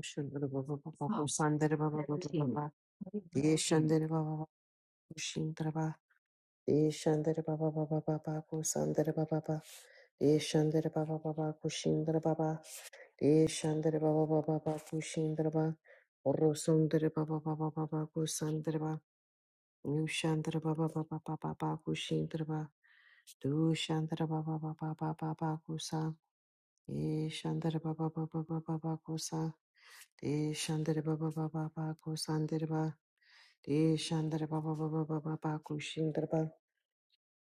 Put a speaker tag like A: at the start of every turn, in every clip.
A: Shandra Baba Baba Sandra Baba Baba Baba Ye Shandra Baba Shindra Baba Ye Shandra Baba Baba Baba Sandra Baba Baba Shandra Baba Baba Kushindra Baba Ye Shandra Baba Baba Baba Kushindra Baba Orosundra Baba Baba Baba Kusandra Baba New Shandra Baba Baba Baba Baba Kushindra Baba Du Shandra Baba Baba Baba Baba Kusa E Shandra Baba Baba Baba Baba Kusa E Shandra Baba Baba Baba Kusandra Deshandra ba ba ba ba ba ba ba kushindra ba.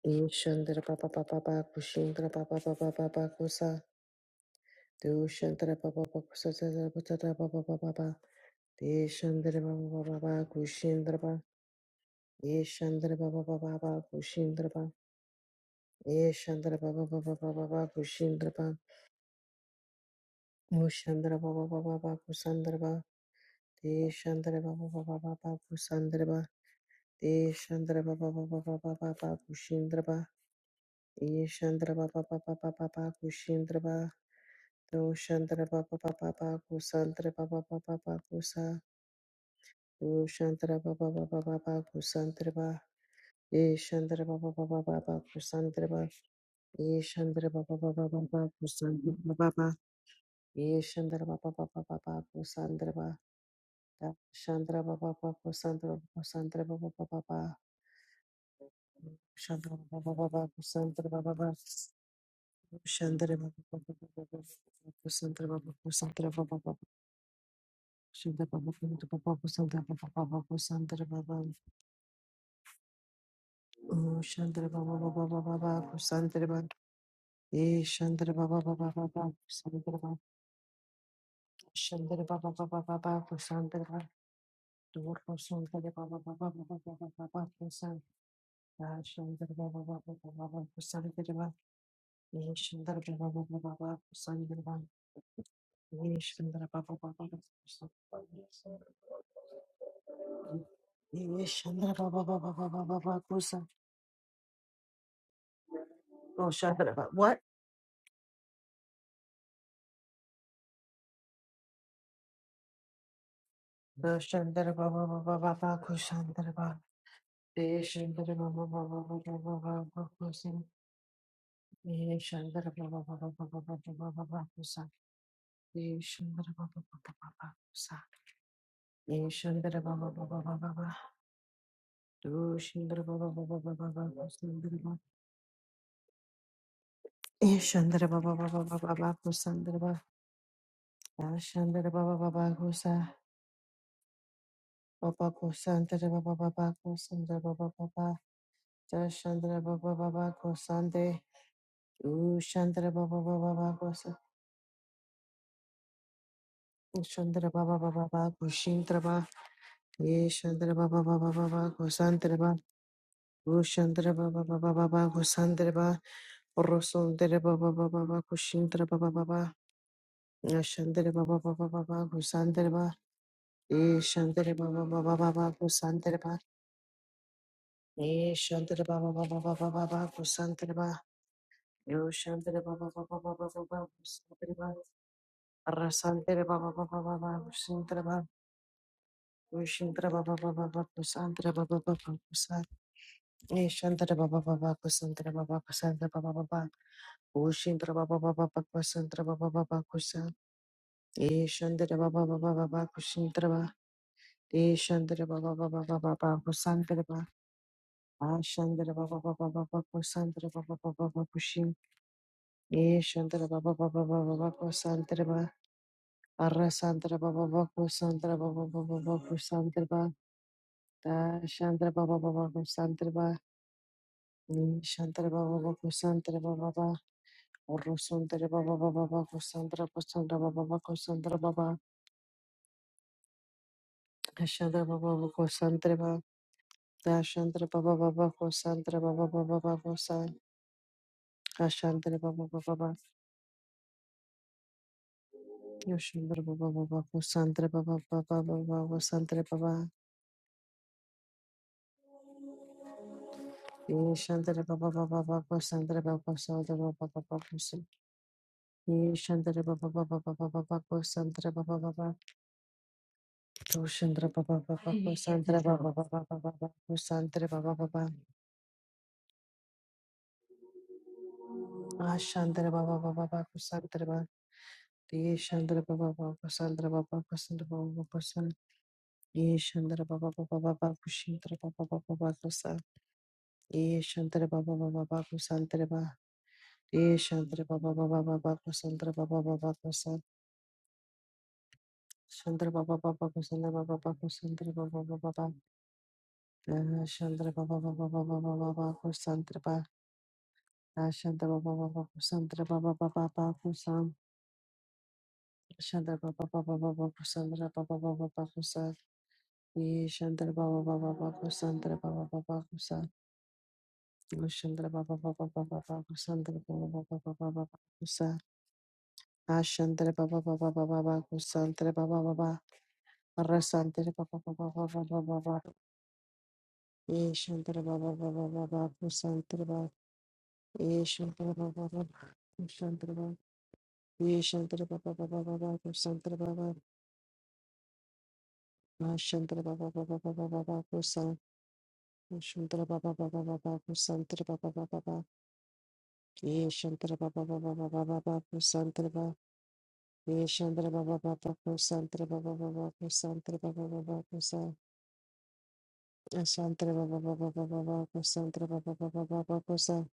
A: Deshandra ba ba ba ba ba kushindra ba ba ba ba ba ba kusa. Deshandra ba ba ba kusa ta ta ba ta ta ba ba ba ba ba. Deshandra ba ba ba ba ba kushindra ba. Deshandra ba ba ba ba ba kushindra ba. Deshandra ba ba ba ba ba ba ba kushindra ba. Mushandra ba ba ba ba ba kusandra ba. Deshandra ba ba ba ba ba ba kusandra ba. Deshandra ba ba ba ba ba ba ba ba kushindra ba. Ishandra ba ba ba ba ba ba ba kushindra ba doshandra ba ba ba ba ba kusantra ba ba ba ba ba kusa doshandra ba ba ba ba ba ba kusantra ba ishandra ba ba ba ba ba ba kusantra ba ishandra ba ba ba ba ba ba kusantra ba ba ba ishandra ba ba ba ba ba ba kusantra ba shandra ba ba ba kusantra kusantra ba ba ba ba ba shandra ba ba ba ba kusantra ba ba ba Shandra Baba Baba Baba Sandra Baba Sandra Baba Shandra Baba Baba Sandra Baba Baba Sandra Baba Oh Shandra Baba Baba Baba Baba Sandra Baba E Shandra Baba Baba Baba Sandra Baba Shandra Baba Baba Baba Sandra Baba Dur Sandra Baba Baba Baba Baba Baba Sandra Shandra Baba Baba Baba Sandra Baba E Shandra Baba Baba Baba Sandra Baba E Shandra Baba Baba Baba Yeah, shandara ba ba ba ba ba ba ba ba kusa. Oh, shandara ba. What? The shandara ba ba ba ba ba ba kushandara ba. The shandara ba ba ba ba ba ba ba ba ba kusa. The shandara ba ba ba ba ba ba ba ba ba ba ba kusa. The shandara ba ba ba ba ba ba kusa. The shandara ba ba ba ba ba ba ba. Do shandara ba ba ba ba ba ba ba kusandara ba. The shandara ba ba ba ba ba ba ba kusandara ba. The shandara ba ba ba ba kusa. Baba Kosandra Baba Baba Kosandra Baba Baba Dashandra Baba Baba Kosande Ushandra Baba Baba Baba Kosa Ushandra Baba Baba Baba Kushindra Baba Yeshandra Baba Baba Baba Kosandra Baba Ushandra Baba Baba Baba Kosandra Baba Rosundra Baba Baba Baba Kushindra Baba Baba Ashandra Baba Baba Baba Kosandra Baba Yeshandra Baba Baba Baba Kosandra Baba Yeshandra Baba Baba Baba Baba Kosandra Ba Yo shantere ba ba ba ba ba ba ba ba shantere ba rasantere ba ba ba ba ba ba shantere ba yo shantere ba ba ba ba ba kusantere ba ba ba ba kusan ye shantere ba ba ba ba kusantere ba ba kusantere ba ba ba ba yo shantere ba ba ba ba ba kusantere ba ba ba ba kusan ye shantere ba ba ba ba ba ba kusantere ba ye shantere ba ba ba ba ba ba ba kusantere ba a shantere ba ba ba ba ba ba kusantere ba ba ba ba ba kushin ye shantere ba ba ba ba ba ba ba kusantere ba Arrasandra Baba Baku Sandra Baba Baba Baku Sandra Ba Da Shandra Baba Baba Baku Sandra Ba Ni Shandra Baba Baku Sandra Baba Ba Oru Sandra Baba Baba Baku Sandra Ba Sandra Baba Baku Sandra Baba Da Shandra Baba Baku Sandra Ba Da Shandra Baba Baba Baku Sandra Baba Baba Baku Sa Da Shandra Baba Baba Ba Yoshandra Baba Baba Baku Sandra Baba Baba Baba Baku Sandra Baba Ni Shandra Baba Baba Baku Sandra Baba Sandra Baba Baku Sa Ye Shandra Baba Baba Baba Baba Sandra Baba Baba To Shandra Baba Baba Sandra Baba Baba Baba Sandra Baba Baba Ashandra Baba Baba Baba Sandra Baba Ye Shandra Baba Baba Sandra Baba Baba Sandra Baba Baba San Ye Shandra Baba Baba Baba Shandra Baba Baba Baba San Ye Shandra Baba Baba Baba Sandra Baba Ye Shandra Baba Baba Baba Sandra Baba Baba San Shandra Baba Baba Sandra Baba Baba Sandra Baba Baba Shandra Baba Baba Baba Baba Baku Santra Ba Shandra Baba Baba Sandra Baba Baba Baku Sam Shandra Baba Baba Baba Sandra Baba Baba Baku Sa Ye Shandra Baba Baba Baku Sandra Baba Baba Baku Sa Shandra Baba Baba Baba Baku Sandra Baba Baba Baba Baku Sa Ashandra Baba Baba Baba Baku Sandra Baba Baba Rasantra Baba Baba Baba Baba Baba Ye Shandra Baba Baba Baba Baku Santra Ba Ye Shandra Baba Baba Ye Shantara Baba Baba Baba Kursantara Baba Ma Shantara Baba Baba Baba Baba Kursan Shantara Baba Baba Baba Kursantara Baba Baba Baba Ye Shantara Baba Baba Baba Baba Kursantara Baba Ye Shantara Baba Baba Kursantara Baba Baba Kursantara Baba Baba Kursan Shantara Baba Baba Baba Baba Kursantara Baba Baba Baba Kursan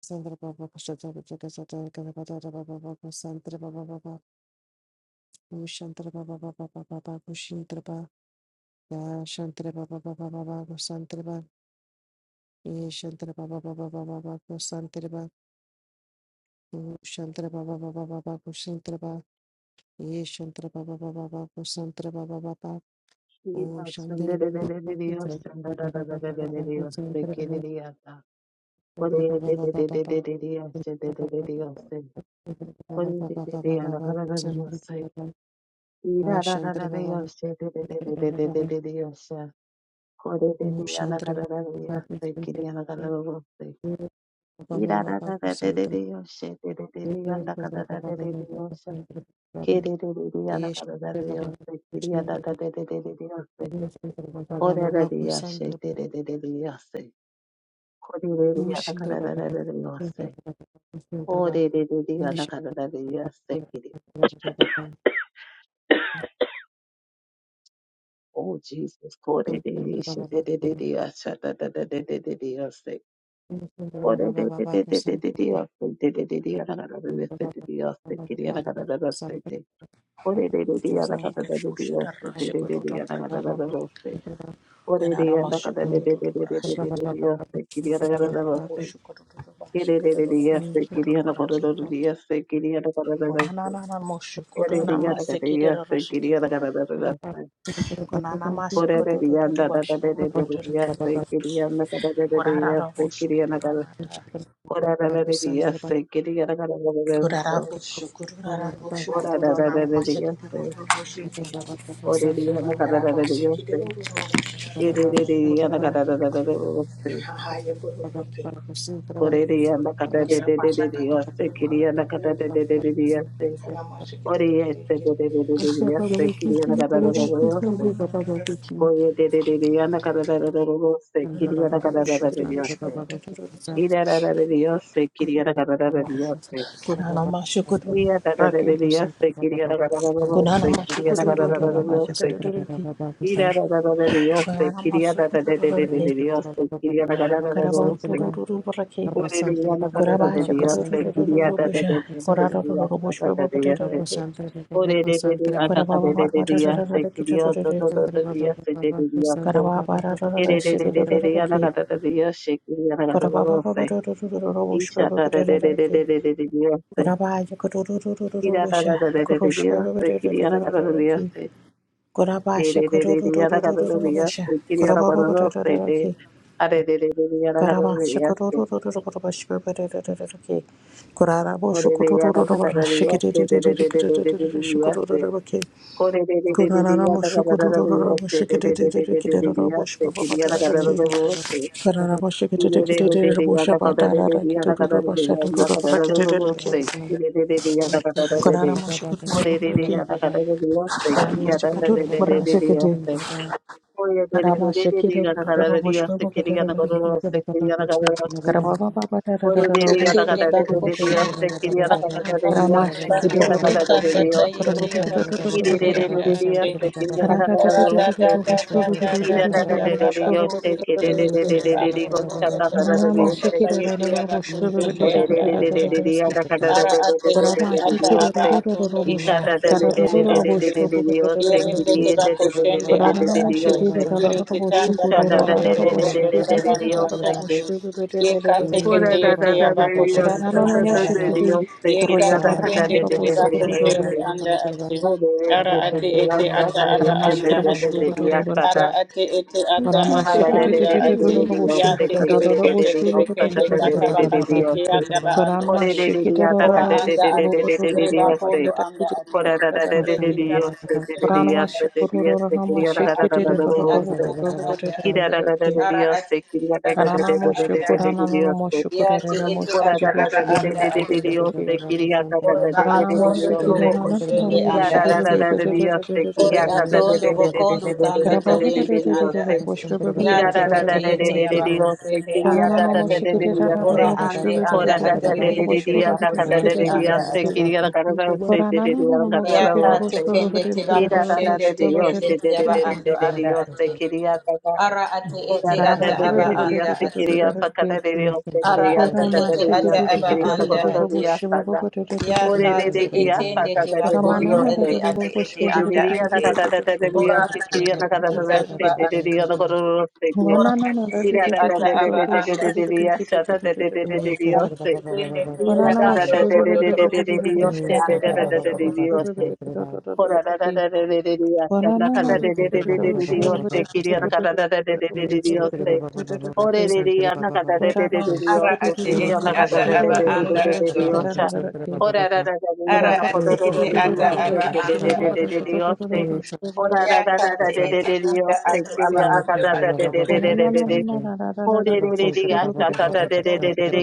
A: Sandra Baba Kursantara Baba Baba Baba Kursantara Baba Baba Kushantara Baba Baba Baba Baba Kushintara Ya Shantara Baba Baba Baba Santara Baba Ye Shantara Baba Baba Baba Baba Santara Baba Shantara Baba Baba Baba Santara Baba Ye Shantara Baba Baba Baba Santara Baba Baba O Shantara Baba Baba Santara Baba Baba Baba Santara Baba Shantara Baba Baba Baba Baba Baba Baba Baba Santara Baba Ya Shantara Baba Baba Santara Baba Baba O Shantara Baba Baba Santara Baba Baba Baba Baba
B: Ora rari yashe de de de de de yase. Korereri anakararararariyose. Korereri anakararararariyose. Oh Jesus, korereri
A: Yes,
B: shedededediyashadadadadededediyose. Korerererererereriyose. Dedededi anakararararariyose. Kiri anakararararariyose. Korereri
C: Keter bushata
B: anakararararariyose.
C: rashiko
B: Dedededi
C: toto braki.
B: anakararararariyose. Korereri
C: Kanana masuko toto brashiko toto.
B: anakararararariyose. Kiri
C: Kedara
B: anakararararariyose.
C: bushiko toto brashiko toto
B: Kirererereriyose.
C: bushiko
B: Kiri
C: toto braki.
B: anakararararariyose. Kiri anakararararariyose.
C: Konana nana masuko toto
B: Yes,
C: namase kedara rashiki.
A: Thank
C: Konana masuko toto toto brashiko toto toto. Korara bushiko toto mata. Korara bushiko toto rara bushiko toto nana mase kedara bushiko. Kara mase kedara bushiko toto braki. Hahaya bushiko. Kira pasakata kata kata mala kira kira kana masih kira kira kira masih kira mana nara nara
B: Koye de de de de yana kada da da da da da se
C: kana
B: kiri
C: nara
B: yana
C: nara
B: kada da
C: masih
B: da da
C: kira
B: da
C: masih
B: se.
C: kira kata
B: Ida da da da da se kiri yana kada da da da se.
C: nara kiri. na kiri, kuna nama masih kira
B: Iya da da da
C: raki
B: da se kiri yana kada da da da
C: kuna
B: se
C: nama
B: kiri
C: masih
B: yana
C: kira
B: kada da
C: nara
B: da da
C: nara masih
B: se.
C: kira raki
A: you.
B: Ida da da da da
C: kuna
B: se
C: nama
B: kiri yana
C: masih
B: da da da
C: kira nara
B: da
A: Santre
B: da
C: raki
A: Baba
B: da se kiri yana kada da da
C: kara
B: da
C: bau
B: se.
C: turu turu raki
B: Ore de yana kada
C: kara
B: da da
C: bahasa kira
B: da
C: turu
B: se
C: turu
B: kiri yana
C: turu
B: da da da
C: bosha
B: da se
C: kara nara
B: yana
C: nara bosha
B: kada da
C: bapa bapa
B: da da se.
C: raki
B: Ore de de de ana
C: kara bapa
B: kada da
C: bapa
B: da da se
C: raki
B: kiri yana
C: kira
B: da da
C: raki
B: da da se de de de
C: kara bapa raki
B: Yoshe,
C: kira raki Gorabashikoroshiki kete kete kete kete
B: Kiri
C: kete kete kete kete kete kete reke
A: Baba Baba
C: kararamasha kete duro bara ki karamasha kete duro bara kete karamasha kete duro duro duro duro duro duro bosha bara kete reke
D: Tende bakoshinde yabandoro bando
C: karamasha kete duro
A: Baba
D: bakote
C: duro
D: kanda
C: bosha
D: tayete
C: karababa
A: Santra
C: kete duro duro
D: yabakoshinde
C: bara
D: anda
C: kete
D: ate.
C: karata tete
D: Rada
C: tete
D: da
C: duro
D: da
C: bosha
D: da
C: bara
D: da
C: kete
D: da da
C: tete
D: da
C: duro bosha
D: baba
C: bara kete
D: kushinde
C: reke
D: tere bandoro bondo toro bakondo
C: karamasha kete duro
D: tayete
C: duro baba Karama
D: yabakoshinde
B: Dios,
D: anda
C: shikira roro
D: ate.
C: kete bebe
D: Ara ate ete
C: Kurama
D: ata
C: shiki ro
D: aba
C: ro ro ro ro
D: atondo
C: ro
D: tuba
C: busha. Kara
D: koshende
C: ro ro ro
D: anda
C: ro
D: ate.
C: bushu bu bu ro ro ro ro ro
D: Yerinde
C: ki.
D: tuba koshende
C: Kurana
D: anda
C: ro bushu
D: ate.
C: ki ro ro
D: Yere
C: ro ro bushu
D: kitanda
C: ku ro ro
D: bakondo
C: ro ro bushu
D: trobondo
C: ki ro ro ro
D: torabando
C: ro
D: anda
C: ro
D: ate.
C: bushu bu bu bu ro ro ro
D: Yeka
C: ro ro ki.
D: tekete yete yaba
C: Kurana
D: koshende
C: ro ro
D: anda
C: bushu ki
D: ate.
C: ri
D: Yeka
C: kurusha ra ra ro
D: tekende
C: ro ro
D: tiriba
C: bushu ku ro ro ro
D: koshende
C: ki.
D: anda ate. Ara ate ete ata aba
C: Kurama shiki
D: anda
C: ro bushu
D: ate.
C: bu bu ro ro ro ro ki.
D: Ara ate ete ata
C: Kurama
D: aba
C: shiki ro
D: anda
C: ro ro ro
D: ate.
C: ro ro busha.
D: Ya tiki
C: Kara ro ro
D: bekende
C: bushu bu bu ro ro
D: tebekende
C: ro ro ro
D: kataba
C: ki.
D: kasete anda ba
B: これでリリアだかででででででででリアステイ。これだだでででリアステイ。ででリアステイ。でリアステイ。キリアだかだだだだだロステイ。キラだだだでリアステイ。キリアだだでででででででリアステイ。これだだだでででででリアステイ。キリアだだででででリアステイ。キラだだだだでリアステイ。キリアだだでででででででででリアステイ。キラだだだででででリアステイ。キリアだだでででリアステイ。
D: ando
C: Kurama
D: ate.
C: shiki ro ro ro
D: Ora
C: ro
D: anda
C: bushu bu
D: ate,
C: bu ro ro ro
D: yereba
C: ro busha
D: kondo
C: ra ki
D: anda
C: ro
D: ate,
C: ro ro ro ro ki.
D: yete tara kondo anda
C: Ranamashi Kururu
D: ate,
C: Ranamashi
D: ara ate
C: Kiriri
D: ete
C: Rorobo
D: ata aba anda ate,
C: ki.
D: ara ate ete ata
C: Rana
D: aba
C: Moshi
D: anda
C: Kurana
D: ate,
C: Nana Moshi
D: yate
C: Kurana
D: ete
C: Moshi
D: ata
C: Kiribi
D: aba anda ate,
C: Shibibi
D: oreba
C: Rana
D: atondo
C: Moshi
D: trobo
C: Kirana Nana
D: koshende anda
C: Roshi
D: ate,
C: Bibi
D: Ori atondo bokondo tanda
C: Karababa
A: Baba,
D: tayende anda ate.
C: Roshi
D: Ya tekete yete yaba
C: Bibi
D: kusende anda
C: Rana no Moshi
D: ate.
C: Kirana
D: Ora
C: Roshi
D: ande
C: Bibi
D: anda
B: Ora da
D: ate
B: da de de
D: ribende
B: de
C: Roshi
B: de
D: treba
B: anda
C: Bibi
B: kada de
D: kusende
B: de de
D: anda
B: aste
C: Kirana
D: ate.
B: kiri da kada da aste de
C: Rana
B: de de anda kada
C: Moshi
B: da
D: Ya ka
B: aste
C: Kiriboshi
D: tekende
C: Bibi
D: teba
B: kira
C: Kirana
B: da da de
C: Roshi
D: kusende
B: de
D: tekende
B: aste de de
D: teyaba
B: de
C: Bibi
B: de
D: ando
B: de de de
D: anda
B: aste
D: ate.
B: kiri da da
D: Ara ate
B: ora
D: ete
B: da
C: Para
B: da
D: ata
B: de
C: mashe
B: de
C: bebe
B: de
D: aba
C: bebe
B: de
C: de
D: anda
C: de
B: aste
C: de de
D: ate.
B: kiri
C: de de
B: anda
C: ki
B: kada de de aste kiri
D: Ara
B: anda
C: para
D: ate
B: da da de
D: ete
B: de
C: mashe
B: de
C: ki
D: ata
C: ki
B: aste
C: ki ki
D: aba
B: kiri
C: de
B: da
C: de
D: anda
B: kada da de
D: ate.
B: asta da
D: Ya
B: ore
C: de
D: ka
B: de de
C: de
D: te
A: Santre
B: de
C: ki
A: Baba Baba
B: asta
D: etende
B: da
A: Baba
D: te
B: da de
C: para
B: de
A: Santre,
B: de
C: mana
D: bakondo
C: na de
B: aste
C: de
D: ende
C: de de
D: ate ete
B: kiri
C: de
B: de de
D: anda
B: de anda
D: ate.
B: kada da da de de
A: Santre
D: Ora
B: aste kiri
D: ate
B: da kada
A: Baba
B: da
D: ete ata
B: aste
D: aba
C: de
B: de de
C: ki
B: de
D: ate.
B: anda kada da aste kiri
C: para
D: Ora
C: mana na
D: ate
C: de de de de de de ki para mana na de de
D: ete
C: de
B: anda da da
D: ata
B: de de
D: aba
B: de de
D: anda.
B: de de
C: de
B: de asta
C: de
B: da de de
C: de ki
B: de de de
D: Eka te
B: aste
D: tende te
C: para mana
B: Dios,
D: irigando
C: mashe bebe
D: robondo
C: bebe de
D: trobo
C: de de de de de ki
D: kusende anda ato.
C: para mana na de de de de de de ki para mana mashe bebe bebe de de de de de de ki
D: Ara ate ete ata aba anda ato. Ara ate ete ata aba anda ato. Ya ka te ete anda ato aba ando ato.
A: Baba Baba
B: おれれれれやさたたでれれれれよしけれれれれれれれれれれれよさた。おらららられよせきれれれれやだかたでれれれれよせきれやだかただろせ。おらららられれれれれれれれれよせきれやだかたでれれれれれよせきれれれれれれやせ。おらららられれれれやせきれやだかたでれれれれよせ。いらららられれれれれよせきれやだかたでれれれれよせきれれれれれよせ。
A: Santre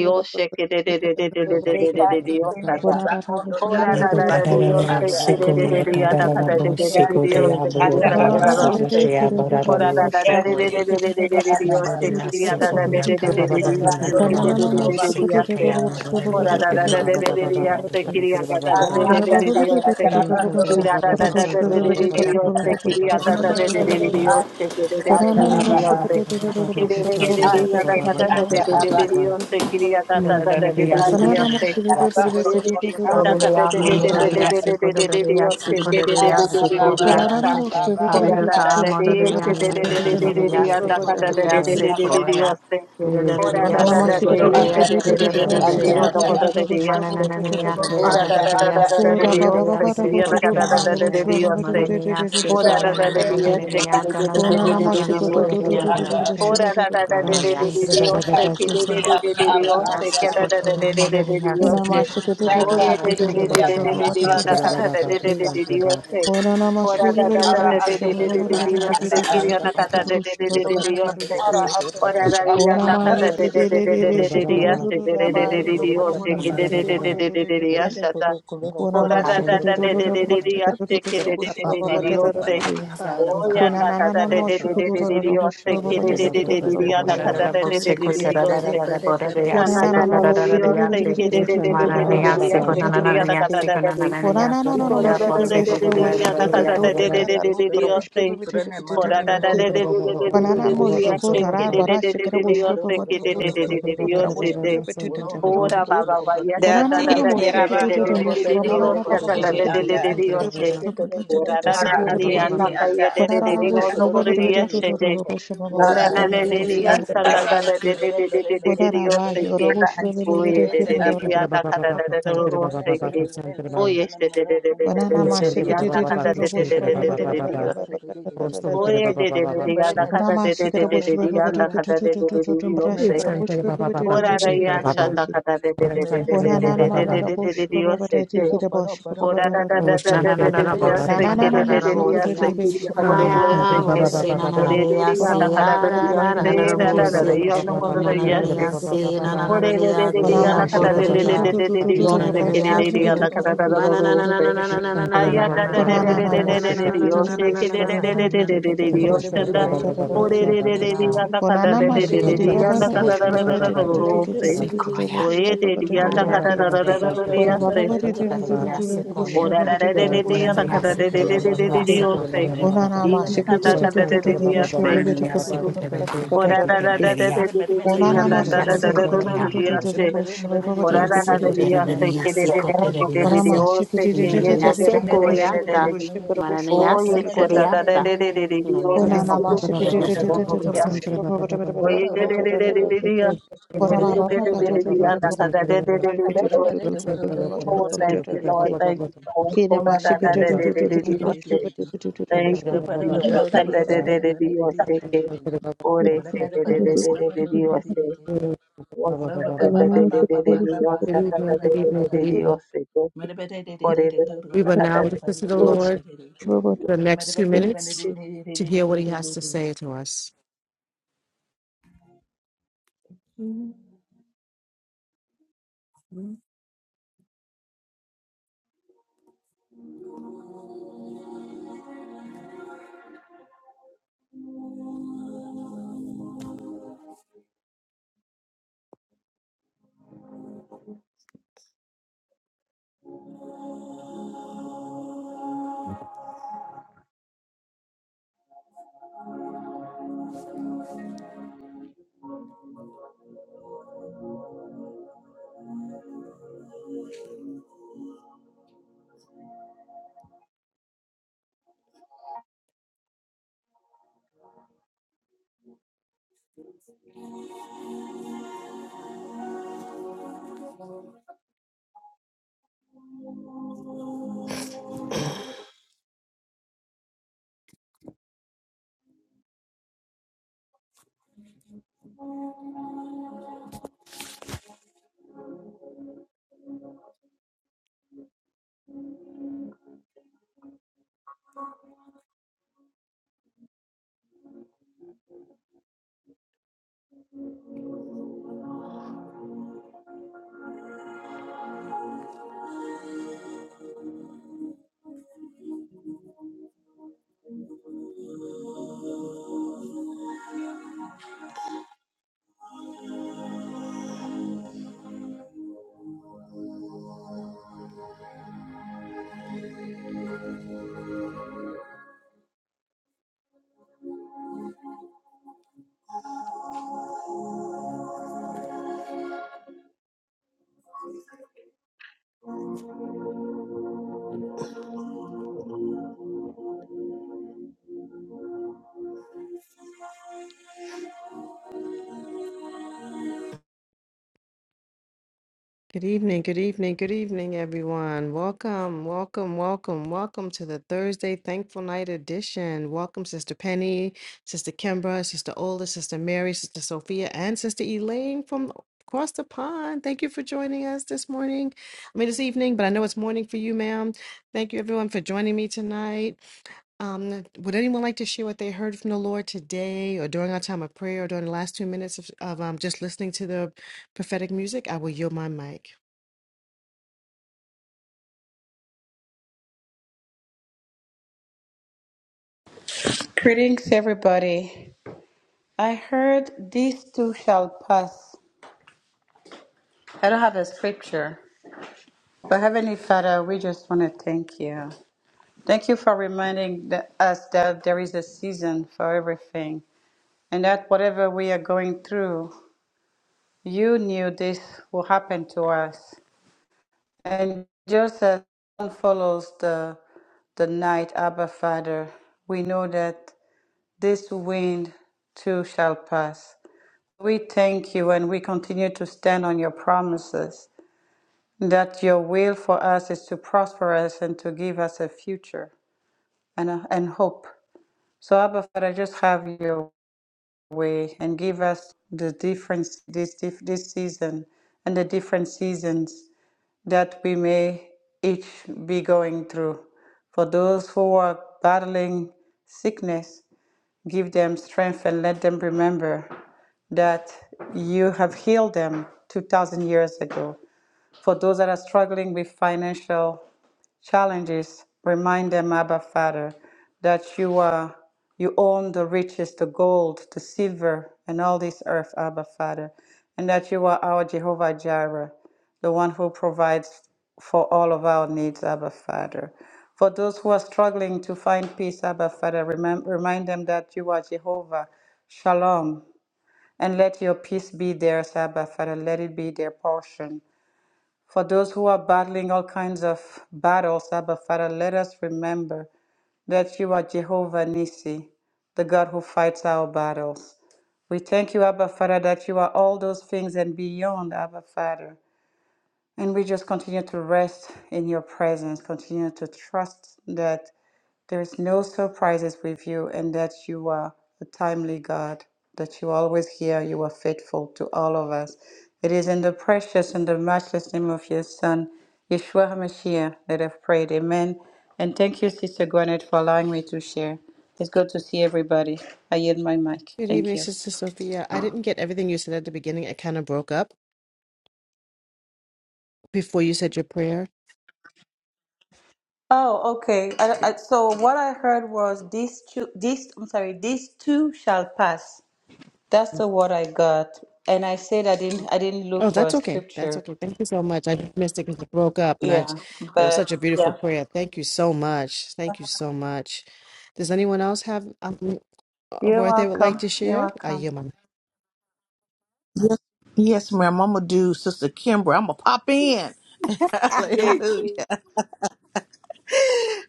A: Santre Baba Baba
D: Eka te tende te bakondo anda te bakondo
E: Mikoteya
D: anda ato.
E: sikoya tarara bo
D: Yati
E: sikoteya
D: ata
E: bororiya
D: aba a.
E: sikoteya bororiya
D: Yati
E: sikoya
D: iti ata aba a.
E: mororiya sikoya
D: Yuki
E: tarara riya
C: Kanaana
D: bandorobo
E: tarara bo
D: sotroba kuchinde
E: sikoteya
D: ata aba a.
E: mororiya tarara bororiya sikoya.
D: Ata
E: oh no no
D: ata
E: no no
D: ata ata bandorobo
A: Baba
D: sotroba kuchinde ata aba a.
E: no
D: Ati iti ata aba a.
B: Ora
D: Ati iti
E: no
D: ata aba a.
E: no bororiya
D: Ata
E: sikoya
D: arabandorobo sotroba
E: hallelujah
D: kuchinde ata
E: bororiya
D: aba a.
E: sikoya riya sikoya riya sikoya
D: Arabababababababa. Ati
E: Hallelujah, Moralia
D: ata
E: Seko,
D: arabandorobo
E: Moralia Seko,
D: sotroba
A: Santre
E: Moralia
A: Baba
D: kuchinde ata
E: Seko,
D: aba a.
E: ya. Moralia
D: Orang
E: Seko,
D: itu anda ati iti anda anda an.
E: Mananania,
D: Orang anda
E: Moralia
D: anda ati
E: Seko,
C: Ora baba baba
E: Moralia
C: bara bo tu tu tu tu tu bo shiba baba de de de
E: Manania
C: de de de de
D: kita
E: Seko,
C: de de
D: ini
C: ki.
D: kita
E: Nananania,
C: Ora na na
E: Tanananana,
C: ko tu tu tu
D: ini
E: Moralia,
C: tu tu
D: anda
C: tu tu bo
B: Oh
D: ati.
C: shiba
B: da
C: tu
B: da
C: tu
B: da
C: ko
B: da
C: tu
B: da
C: bo
B: da
C: shiba
E: Moralia
B: da de
E: Seko,
C: tu
D: Yang
C: tu tu bo
B: osse ki
C: shiba
D: kaki
B: da
C: ko
B: da
C: tu
D: ini
B: da
C: tu bo
B: da
D: apa
B: da
C: shiba ba
B: de
D: apa
C: tu tu bo
E: Moralia
B: osse
D: anda
B: ki
C: shiba
B: da
E: Seko,
B: da da da
C: ki.
D: ati.
E: Teha,
B: da de de de
E: Moralia
C: Ye
E: Nananana, Moralia Seko, Moralia
C: na
B: osse
C: ma shi ko tu tu
D: Yang
B: da
C: tu tu
B: da
C: tu
D: kaki
C: tu tu
D: itu
C: bo
D: yang
C: shiba
B: da da da da da
D: kata
B: da
C: baba
B: de
C: de de
B: ana
C: de
D: anda
C: de
B: kada da
C: de
D: ati.
C: de
B: da da
C: ki.
B: da da de
A: Baba,
B: osse
C: Oh na na ma
B: ora
C: shi be
B: da
C: be
B: da
C: be
B: da
D: Ara
B: da
F: Papa,
B: da
D: ati
B: da da da
C: baba
B: da
C: de de
D: ati
C: de de
D: apa
B: de osse
C: de
B: ki
D: an.
C: de de de de bo
B: de da
C: baba
B: da
C: de
B: da da da da da
C: de
B: de
C: de de
B: osse
D: Ara
C: ki.
D: ati
B: ora
D: iti
B: da de
D: ati
B: da
C: Ora na
B: na
C: ma
B: ka
D: apa.
C: ye
B: da da
C: ki
B: da
C: de
B: da
C: de
B: da
C: de
B: da da
C: de shi
B: de
C: ko
B: de da
C: tu tu tu
B: da da
C: raba
B: da da
C: ye
B: da
C: baba
B: de
C: baba bo bo
B: osse
C: de
B: ki
C: de
B: da da da
C: de
B: da
C: de
B: da
C: de de
B: da
C: de
B: da
C: de
B: de
C: ki.
B: osse da
C: Kuna
B: ora da da
E: Hallelujah.
B: da
C: mashikururu
B: da da da da da da de osse ki da
C: broshikururu
B: da da
C: bushiba
B: da da
C: baba
B: de osse
C: deraroke.
E: Exactly.
C: Kuna
B: Oyanda kata
C: nanana
B: de de de de de de
C: moshikururu
B: diose,
C: bushiba baba
B: kere de de
C: dereke
B: de de de
C: dororo
B: yanda
C: bushiba
B: kata
C: baba
B: de de de de de diose.
C: dereke.
B: Na
C: Kuna
B: na na na
C: nanana
B: na
C: moshibi bibi
B: diose,
C: bibi
B: kere
C: bibi bibi
B: de de de
C: dororo
B: de
F: poro,
B: de de
F: poro,
C: bushiba baba
B: diose, kere yanda kata
C: dereke.
B: de de de.
C: Kuna
B: Iko
C: nanana
B: de de
C: moshibi
F: poro,
B: de de de
F: poro.
B: de
C: bushiba
B: de yanda
C: bushike
B: kata
F: Morena de
B: de de
C: dototo
B: de
F: Corona
B: de
C: dada
B: de de
C: rukro
F: desperada,
C: bushiba
B: diose.
C: bibi
F: Corona
C: dereke
F: manda
B: Kora da
A: Baba,
F: coro
B: da de
C: dereke.
B: de
F: coro
B: de
F: coro,
B: de
C: Kuna
B: de de de de de
C: nanana
F: Moro
B: diose,
F: toro
B: kere
C: moshikurara
F: to,
B: de
C: bara
B: de de
C: shikara
B: de
F: Turo
C: bushiba
F: mando
B: diose,
C: baba
F: coro
B: kere
F: coro
B: de
C: dototo
B: de de
F: morena
B: de
F: de
C: dototo kara
B: diose
F: Corona,
C: bushiba
B: de.
C: bibi
F: Moro no
B: Ora
F: wabundo
C: dereke.
F: con
B: baba
C: Kurana
F: comprone
B: baya,
F: de
B: da da
D: Dati
F: Corona,
B: de
D: iti
B: de de de
D: rabando
B: de
F: Mere
B: de
D: robondo
B: de
F: bene
D: trobo
F: bene
B: diose,
F: de de
B: da
F: de
B: da
F: de
D: koshindi
B: de
F: de
B: de
F: de
B: de
F: de,
B: de
D: anda ati.
B: diose.
F: Mere bene bene
B: Ora da na
F: bene
D: Ara
B: ne
F: bene
B: ni
D: ati
F: bene de
D: iti
B: anda
F: de de,
D: ati
B: kaiye
D: apa
B: de de de de
F: Goro
D: anda
F: no
B: ono
D: ati.
F: coro morena
B: koriya
F: de
B: shete.
F: corombo, Mere
B: Ora na
F: mere
B: ne
F: mere
B: ne
F: mere
B: ni
F: de de de de,
B: asanda da da de de
F: Mere
B: de de
F: mere
B: de de
F: mere
B: de
F: de
B: de osteke.
F: corona,
A: Oh,
B: Oye
F: Mere
B: de de de
F: mere de
B: de
F: de
B: anda kada da da da ro
F: Miren, miren,
B: osteke.
F: miren, miren, miren,
B: Oye
F: miren, miren,
B: shete de de
F: miren,
B: de de
F: miren.
B: de de de de de anda kada de de de
F: Miren,
B: de
F: miren,
B: de de de
F: miren, miren,
B: de osteke.
F: miren. Miren,
B: Oye de de de
F: दे
B: de anda
F: miren, दे
B: kada
F: दे
B: de de
F: pa,
B: de de de de
F: ra, pa, ra, pa,
B: anda
F: ra, pa,
B: kada de
F: ra,
B: de
F: pa.
B: de de de
F: Miren,
B: osteke.
A: it's
F: miren,
A: not gonna ba
F: miren,
A: ba
F: miren,
A: ba ba
F: miren, miren, miren,
B: Ora ra ya
A: ba
B: shanda
A: ba,
F: miren.
B: kada de de de
A: it's
F: Miren,
B: de de
C: Kona
F: miren,
B: de
F: miren, miren,
C: namasheke
B: de de de de
F: miren,
B: de de
F: miren.
B: de osteke.
F: Yoro, poro, poro,
B: Ora
F: poro,
B: da da da
F: poro.
B: da da da da
F: Miren,
B: da
F: miren,
B: se
F: miren,
B: ke de
F: mani,
B: de de
F: yana,
B: de
F: mani, miren,
B: se ke de
F: miren,
B: da da
F: miren.
B: da se
F: Miren,
B: ke
F: miren, द
B: ore
F: miren, miren,
A: not
B: de de
F: miren,
B: ya da da da da da
F: miren.
B: se da da
F: Miren,
A: gonna ba
F: miren,
B: da
F: miren,
B: da
A: ba
B: ya
F: miren,
B: no
F: miren, miren. Miren,
B: ko da da ya se
A: ba ba ba.
B: ore de de
F: miren,
B: de de
A: Santre
B: ya na ka
F: miren, miren,
B: da de de
F: miren,
B: de
F: miren.
B: de de de de ya
F: Thank
B: se ke de de de ya na ka da da da da
F: you.
B: da se aya da da de de de de de de de de ya se ke de de de de de de de de de ya se da ore de de de de ya da ka da de de de de de
C: rero
B: ya na ka da da
C: rarabushwa
B: da da da da da se oye de de ya na ka
C: babareke
B: da da da da da da
C: Ora
B: ya se
C: bababaree, do do do do
E: Mm,
C: do do. Push
B: O
C: me,
B: da da
C: babaree,
B: da da
C: kere
B: da
C: push me,
B: da da ka da
C: babaree,
B: da da
C: do
B: da
C: do
B: da da da
C: do.
B: da say.
C: O na na,
B: E ka
C: mashke,
B: da
C: do do
B: ka da
C: do
B: da da
C: do
B: da
C: do do.
B: yo
C: Push me,
B: say.
C: babaree, kere do do
B: O da
C: do do
B: da
C: do
B: da
C: do.
B: da da da da da da da
C: O na na,
B: da
C: mashke, do do
B: da da da da da da
C: do do
B: da
C: do
B: da
C: do.
B: say.
C: Push me,
B: O da
C: babaree,
B: da
C: kere
B: da da
C: do do
B: da
C: do do
B: yo
C: do
B: say. Ke
C: do.
B: da da da da da da da
C: Ora
B: da o
C: mashke,
B: say.
C: do
F: Mere
C: do
B: Ke
C: do
B: ye
C: do
B: da
C: do
B: da da da
C: do.
B: da da
C: Push
B: da
C: me,
B: da da da.
C: babaree, kere push
B: O
C: me, babaree,
B: ye
C: do do
B: sha
C: do
B: da
C: do
B: da
C: do
B: da
C: do.
B: da da da da da o
C: O
B: say.
C: na
B: O
C: na, mashke, do do
B: da
C: do
B: da
C: do
B: da da da
C: do
B: da
C: do.
B: yo
C: Push me,
B: say.
C: babaree, kere babaree
B: O ye
C: babaree
B: da
C: babaree
B: da da da
C: babaree
B: da da
C: babaree.
B: da yo
A: Good
B: say.
A: evening,
B: Ke da
C: Ora
B: da da da da da
C: bababaree, do
B: da
A: good
C: do do
B: yo
C: do do
B: da
C: do.
B: ka da
C: Push me,
B: da da da
C: babaree,
B: da
C: kere do
B: da. Oh,
C: do do
B: thank
C: do
B: you,
C: do
B: Lord.
C: do.
B: Thank you, Lord.
C: Kira
B: Oh, da da
C: mashika
B: da
C: tu
B: da
C: tu
B: da
C: tu
B: da
C: tu tu
B: da
C: tu
B: da. yo
C: bosh tu
B: say.
C: tu tu tu tu
B: Thank
C: boshpu
B: you, Jesus.
C: tu
B: Sunday, de- de- de- de- your sick day. Oh, they say, de- de-
C: bosh
B: de-
C: tu
B: de- de- de- de- your sick. Oh, da-
C: tu
B: da- da-
C: lana
B: de- de-
C: mashika
B: de-
C: tu
B: de-
C: tu
B: de-
C: tu
B: your
C: tu
B: sick. Da- da- de- de-
A: evening,
B: de-
A: good
B: de- de-
A: evening.
B: your sick. Oh, de- de- de- de-
A: We will
B: da-
A: now
B: da- de-
A: listen to
B: de-
A: the
B: de-
C: tu
B: your
C: boshpu
A: Lord
C: tu tu tu
A: for the
F: I-
A: next two minutes to hear what he has to say to us. Good evening, good evening, good evening, everyone. Welcome, welcome, welcome, welcome to the Thursday Thankful Night edition. Welcome, Sister Penny, Sister Kimbra, Sister Ola, Sister Mary, Sister Sophia, and Sister Elaine from across the pond. Thank you for joining us this morning. I mean, this evening, but I know it's morning for you, ma'am. Thank you, everyone, for joining me tonight. Um, would anyone like to share what they heard from the Lord today or during our time of prayer or during the last two minutes of, of um, just listening to the prophetic music? I will yield my mic.
D: Greetings, everybody. I heard these two shall pass. I don't have a scripture, but Heavenly Father, we just want to thank you. Thank you for reminding the, us that there is a season for everything and that whatever we are going through, you knew this will happen to us. And just as one follows the the night, Abba Father, we know that. This wind too shall pass. We thank you and we continue to stand on your promises that your will for us is to prosper us and to give us a future and, a, and hope. So, Abba Father, just have your way and give us the difference this, this season and the different seasons that we may each be going through. For those who are battling sickness, Give them strength and let them remember that you have healed them 2,000 years ago. For those that are struggling with financial challenges, remind them, Abba Father, that you are you own the riches, the gold, the silver, and all this earth, Abba Father, and that you are our Jehovah Jireh, the one who provides for all of our needs, Abba Father. For those who are struggling to find peace, Abba Father, remem- remind them that you are Jehovah Shalom, and let your peace be theirs, Abba Father. Let it be their portion. For those who are battling all kinds of battles, Abba Father, let us remember that you are Jehovah Nissi, the God who fights our battles. We thank you, Abba Father, that you are all those things and beyond, Abba Father. And we just continue to rest in your presence, continue to trust that there's no surprises with you, and that you are a timely God, that you always hear, you are faithful to all of us. It is in the precious and the matchless name of your Son, Yeshua HaMashiach, that I've prayed. Amen. And thank you, Sister Gwyneth, for allowing me to share. It's good to see everybody. I yield my mic.
A: Good
D: Thank
A: evening,
D: you.
A: Sister Sophia. I didn't get everything you said at the beginning. It kind of broke up before you said your prayer.
D: Oh, okay. I, I, so what I heard was these two, these I'm sorry, these two shall pass. That's the word I got. And I said I didn't I didn't look
A: Oh,
D: for a
A: that's okay. That's
D: scripture.
A: okay. Thank you so much. I just missed it because it broke up, and I.
D: Yeah.
A: j- But it was
D: But
A: such a beautiful
D: yeah.
A: prayer. Thank you so much. Thank you so much. Does anyone else have um, a
D: You're
A: word they would like
D: welcome.
A: to
D: You're
A: share? I
D: welcome.
A: hear my.
C: Yes, yes, ma'am. I'm gonna do Sister Kimber. I'm gonna pop in.
B: sick.
C: Hallelujah.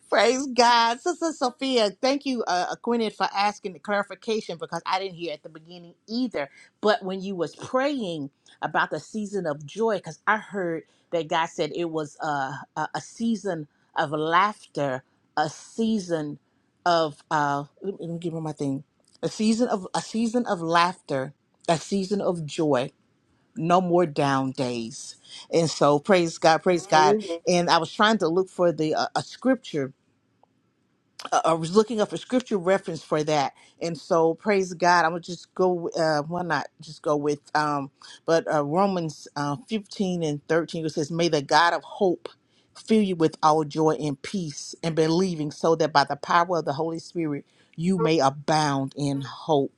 C: Praise God. Sister Sophia, thank you, uh, Gwyneth, for asking the clarification because I didn't hear at the beginning either. But when you was praying about the season of joy, because I heard that God said it was uh, a, a season of laughter, a season of, uh, let me let me give her my thing, a season of a season of laughter, a season of joy, no more down days. And so praise God, praise God. And I was trying to look for the uh, a scripture uh, I was looking up a scripture reference for that, and so praise God. I'm gonna just go. Uh, why not just go with? Um, but uh, Romans uh, 15 and 13 it says, "May the God of hope fill you with all joy and peace, and believing, so that by the power of the Holy Spirit you may abound in hope."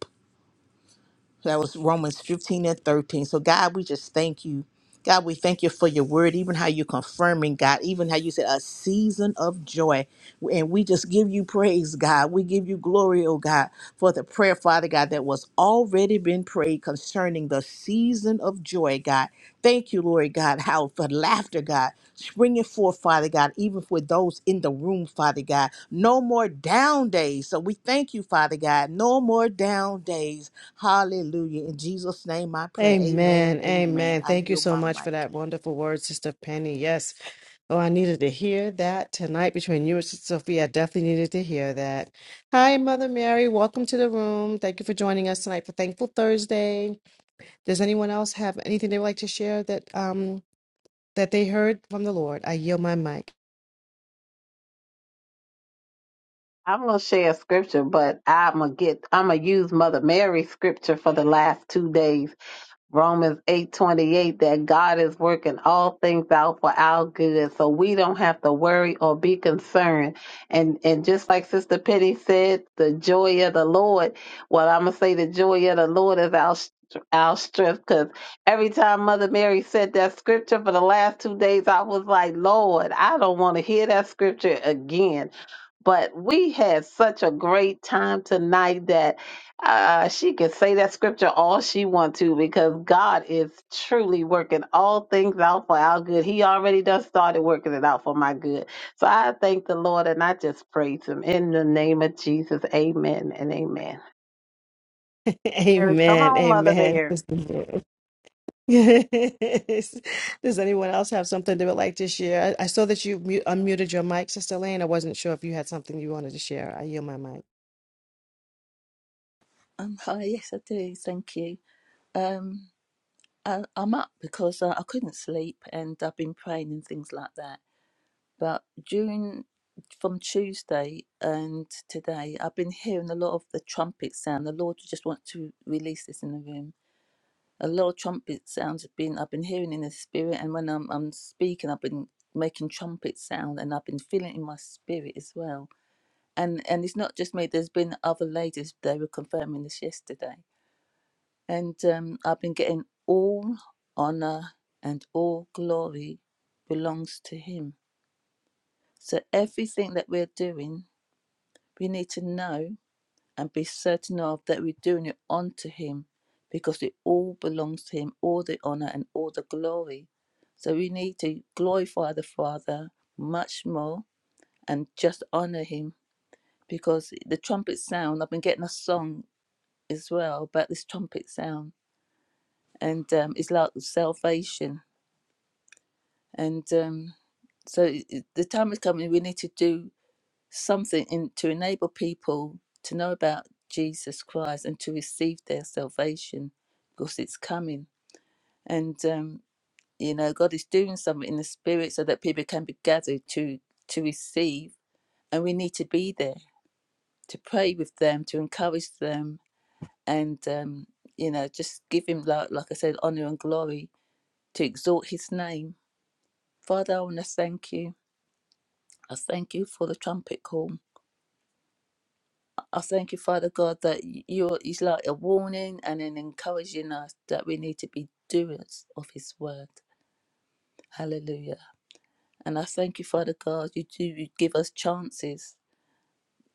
C: That was Romans 15 and 13. So, God, we just thank you. God, we thank you for your word, even how you confirming, God, even how you said a season of joy. And we just give you praise, God. We give you glory, oh God, for the prayer, Father God, that was already been prayed concerning the season of joy, God. Thank you, Lord God, how for laughter, God, springing forth, Father God, even for those in the room, Father God. No more down days. So we thank you, Father God. No more down days. Hallelujah. In Jesus' name I pray. Amen and
A: Amen.
C: amen.
A: Amen.
C: I
A: Thank you
C: yield
A: so
C: my
A: much for
C: mic.
A: that wonderful word, Sister Penny. Yes. Oh, I needed to hear that tonight between you and Sister Sophia. I definitely needed to hear that. Hi, Mother Mary. Welcome to the room. Thank you for joining us tonight for Thankful Thursday. Does anyone else have anything they would like to share that um that they heard from the Lord? I yield my mic.
B: I'm gonna share a scripture, but I'm gonna get I'm gonna use Mother Mary's scripture for the last two days Romans 8:28 that God is working all things out for our good. So we don't have to worry or be concerned. And and just like Sister Penny said, the joy of the Lord, well I'm going to say the joy of the Lord is our str- our strength cuz every time Mother Mary said that scripture for the last 2 days I was like, "Lord, I don't want to hear that scripture again." but we had such a great time tonight that uh, she could say that scripture all she wants to because God is truly working all things out for our good. He already done started working it out for my good. So I thank the Lord and I just praise him in the name of Jesus. Amen and amen. Mary, Come
A: Amen.
B: on, Mother
A: Amen.
B: Mary.
A: Sister Mary. Yes. Does anyone else have something they would like to share? I, I saw that you mu unmuted your mic, Sister Lane. I wasn't sure if you had something you wanted to share. I yield my mic.
F: I'm up for sleep and I've been praying and things like that. But during Tuesday, and I- I've been hearing a lot of the trumpets. Lord, I just want to release it to him. A lot of trumpet sounds have been I've been hearing in this, and when I'm I'm speaking, I've been making trumpet sound, and I've been feeling it in my spirit as well. And and it's not just me. There's been other ladies. They were confirming this yesterday And um, I've been getting all honor and all glory belongs to Him. So everything that we're doing, we need to know and be certain of that we're doing it unto Him because it all belongs to Him, all the honor and all the glory. So we need to glorify the Father much more and just honor Him because the trumpet sound, I've been getting a song as well about this trumpet sound, and um, it's like salvation And um, so i- the time is coming, we need to do something in, to enable people to know about Jesus Christ and to receive their salvation because it's coming. And, um, you know, God is doing something in the spirit so that people can be gathered to, to receive. And we need to be there to pray with them, to encourage them, and, um, you know, just give Him, like, like I said, honor and glory to exalt His name. Father, I want to thank you. I thank you for the trumpet call. I thank you, Father God, that y- you is like a warning and an encouraging us that we need to be doers of His word. Hallelujah. And I thank you, Father God, you do you give us chances,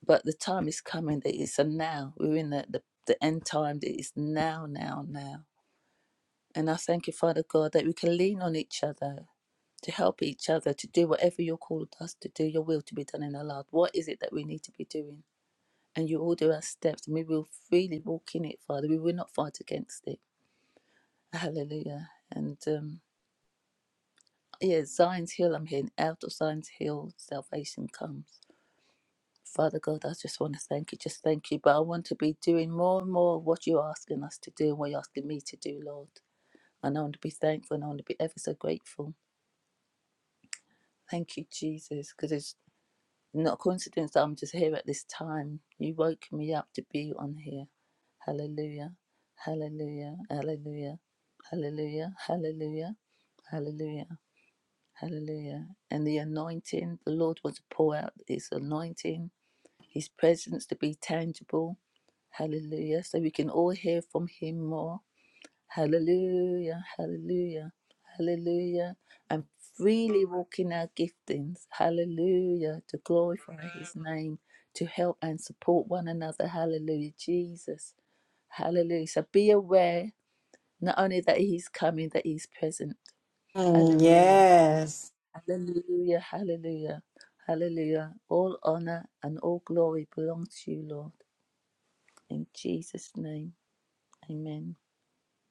F: but the time is coming that it's a now. We're in the, the, the end time that is now, now, now. And I thank you, Father God, that we can lean on each other to help each other to do whatever you're called us to do, your will to be done in our life. What is it that we need to be doing? and you order our steps, and we will freely walk in it, Father. We will not fight against it. Hallelujah. And um, yeah, Zion's Hill, I'm hearing out of Zion's Hill, salvation comes. Father God, I just want to thank you, just thank you. But I want to be doing more and more of what you're asking us to do and what you're asking me to do, Lord. And I want to be thankful and I want to be ever so grateful. Thank you, Jesus, because it's Not a coincidence that I'm just here at this time. You woke me up to be on here. Hallelujah. Hallelujah. Hallelujah. Hallelujah. Hallelujah. Hallelujah. Hallelujah. And the anointing, the Lord wants to pour out his anointing, his presence to be tangible. Hallelujah. So we can all hear from him more. Hallelujah, hallelujah, hallelujah. I'm freely walking out giftings. Hallelujah, to glorify his name, to help and support one another. Hallelujah, Jesus. Hallelujah. So be aware not only that he's coming, that he's present. Hallelujah,
E: Yes.
F: hallelujah, hallelujah, hallelujah. All honor and all glory belongs to you, Lord. In Jesus' name, amen.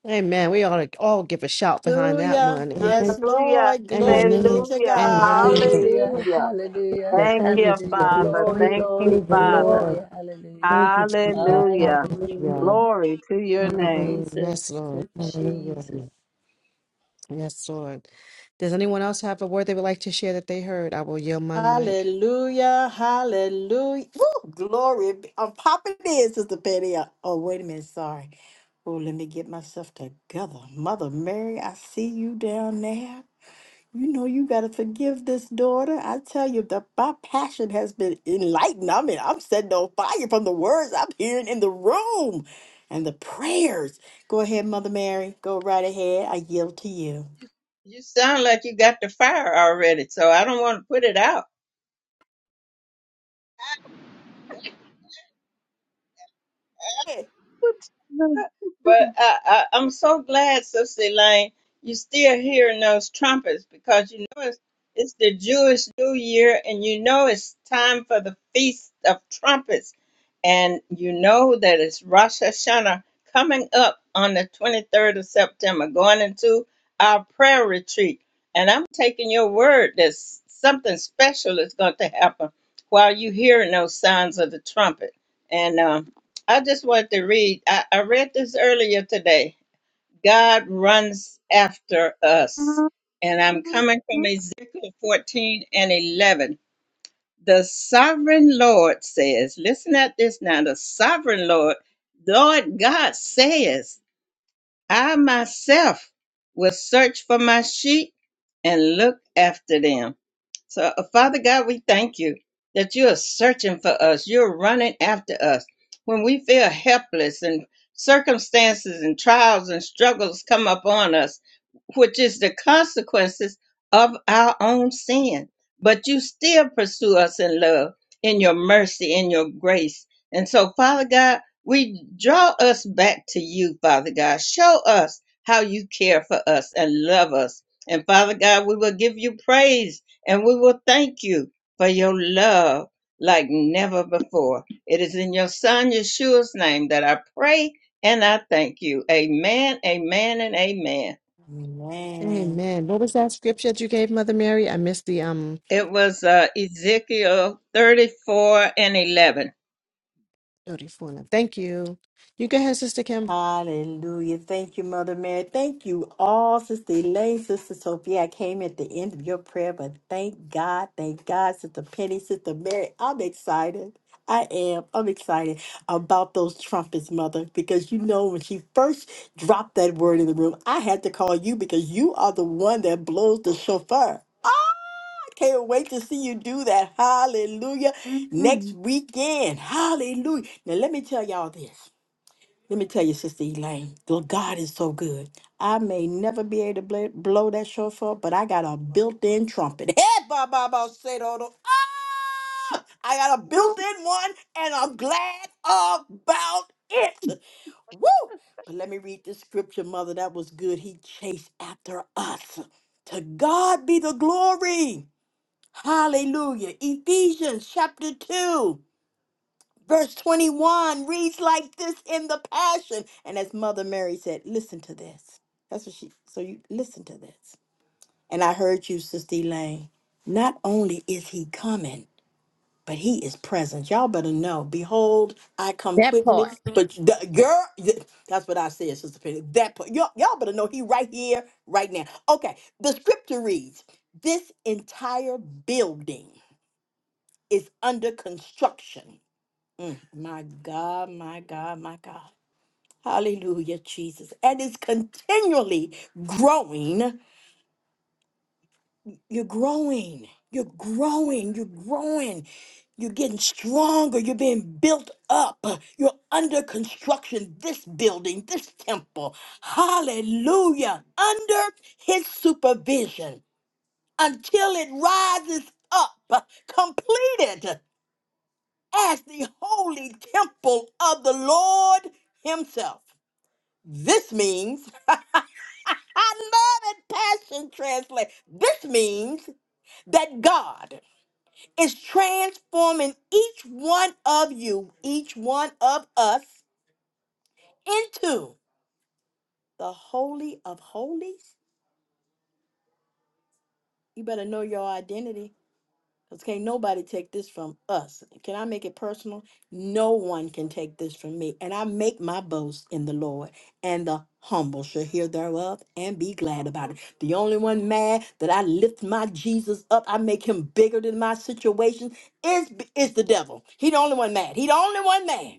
A: Amen. We ought to all give a shout behind that
E: Hallelujah.
A: one.
E: Yes,
B: Hallelujah.
E: Lord. Glory be
A: Amen.
E: to
B: Hallelujah.
A: Amen.
E: God.
F: Hallelujah,
B: Hallelujah.
F: hallelujah,
A: So
B: Thank
A: thank you,
B: you,
F: hallelujah.
A: sister. Lynn.
B: Father.
A: Thank
F: Glory,
A: you.
B: Thank
F: glory,
B: you,
A: Praise the
B: Father.
F: glory,
A: Lord.
F: hallelujah.
A: Thank you, Jesus.
B: Hallelujah.
A: Hallelujah.
F: Hallelujah.
B: Glory to your
A: Hallelujah.
B: name.
F: Jesus,
A: Yes, Lord. Hallelujah.
F: Jesus.
A: Yes, Lord. Does anyone else have a word they would like to share that they heard? I will yield my mic.
E: Hallelujah, hallelujah. Woo, glory. be- I'm popping in, Sister Penny. Uh, Oh, wait a minute. Sorry. Oh, let me get myself together. Mother Mary, I see you down there. You know you gotta forgive this daughter. I tell you, the my passion has been enlightened. I mean, I'm setting on fire from the words I'm hearing in the room and the prayers. Go ahead, Mother Mary. Go right ahead. I yield to you.
G: You sound like you got the fire already, so I don't want to put it out. But I, I, I'm so glad, Sister Elaine, you're still hearing those trumpets because you know it's, it's the Jewish New Year and you know it's time for the Feast of Trumpets. And you know that it's Rosh Hashanah coming up on the 23rd of September, going into our prayer retreat. And I'm taking your word that s- something special is going to happen while you're hearing those sounds of the trumpet. And um, I just want to read. I, I read this earlier today. God runs after us. And I'm coming from Ezekiel 14 and 11. The sovereign Lord says, listen at this now. The sovereign Lord, Lord God says, I myself will search for my sheep and look after them. So, uh, Father God, we thank you that you are searching for us. You're running after us. When we feel helpless and circumstances and trials and struggles come upon us, which is the consequences of our own sin. But you still pursue us in love, in your mercy, in your grace. And so, Father God, we draw us back to you, Father God. Show us how you care for us and love us. And Father God, we will give you praise and we will thank you for your love like never before. It is in your son Yeshua's name that I pray and I thank you. Amen, amen, and amen.
E: Amen.
A: Amen. What was that scripture that you gave, Mother Mary? I missed the um
G: It was uh, Ezekiel 34 and 11.
A: 34. now. Thank you. You go ahead, Sister Kim.
E: Hallelujah. Thank you, Mother Mary. Thank you all, Sister Elaine, Sister Sophia. I came at the end of your prayer, but thank God, thank God, Sister Penny, Sister Mary. I'm excited. I am. I'm excited about those trumpets, Mother, because you know when she first dropped that word in the room, I had to call you because you are the one that blows the shofar. I can't wait to see you do that. Hallelujah. Next weekend. Hallelujah. Now, let me tell y'all this. Let me tell you, Sister Elaine, the God is so good. I may never be able to blow, blow that shofar, but I got a built-in trumpet. Hey, ba ba ba, say do, do. Ah! I got a built-in one, and I'm glad about it. Woo! But let me read this scripture, Mother. That was good. He chased after us. To God be the glory. Hallelujah. Ephesians chapter 2. Verse 21 reads like this in the Passion. And as Mother Mary said, listen to this. That's what she, so you listen to this. And I heard you, Sister Elaine. Not only is he coming, but he is present. Y'all better know. Behold, I come quickly. But the girl, that's what I said, Sister Penny. That part, y'all, y'all better know he right here, right now. Okay, the scripture reads, this entire building is under construction Mm, My God, my God, my God. Hallelujah, Jesus. And it's continually growing. You're growing. You're growing. You're growing. You're getting stronger. You're being built up. You're under construction. This building, this temple. Hallelujah. Under his supervision until it rises up, completed as the holy temple of the Lord himself. This means, I love it, Passion Translate. This means that God is transforming each one of you, each one of us, into the Holy of Holies. You better know your identity Because can't nobody take this from us. Can I make it personal? No one can take this from me. And I make my boast in the Lord, and the humble shall hear thereof and be glad about it. The only one mad that I lift my Jesus up, I make him bigger than my situation, is, is the devil. He the only one mad. He the only one mad.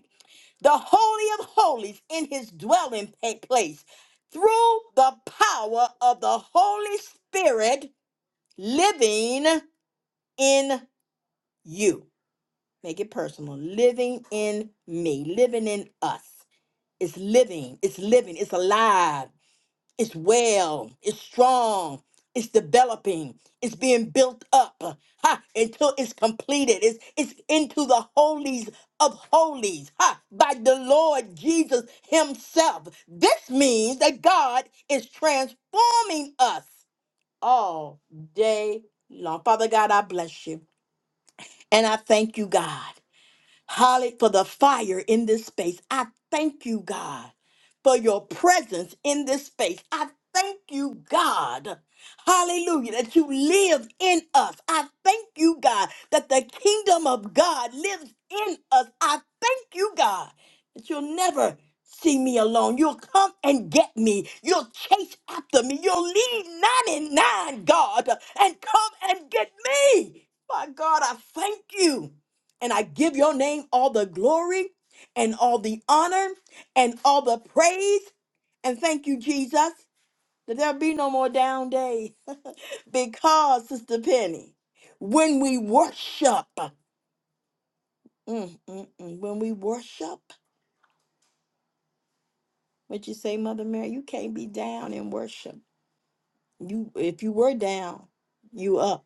E: The Holy of Holies in his dwelling pa- place through the power of the Holy Spirit living in you make it personal living in me living in us it's living it's living it's alive it's well it's strong it's developing it's being built up ha, until it's completed it's it's into the holies of holies ha, by the lord jesus himself this means that god is transforming us all day long father god i bless you and i thank you god Hallelujah for the fire in this space. I thank you, God, for your presence in this space. I thank you, God. Hallelujah, that you live in us. I thank you, God, that the kingdom of God lives in us. I thank you, God, that you'll never see me alone. You'll come and get me. You'll chase after me. You'll leave 99, God, and come and get me. My God, I thank you. And I give your name all the glory and all the honor and all the praise. And thank you, Jesus, that there'll be no more down days. because, Sister Penny, when we worship, mm, mm, mm, when we worship, what you say, Mother Mary, you can't be down in worship. You, if you were down, you up.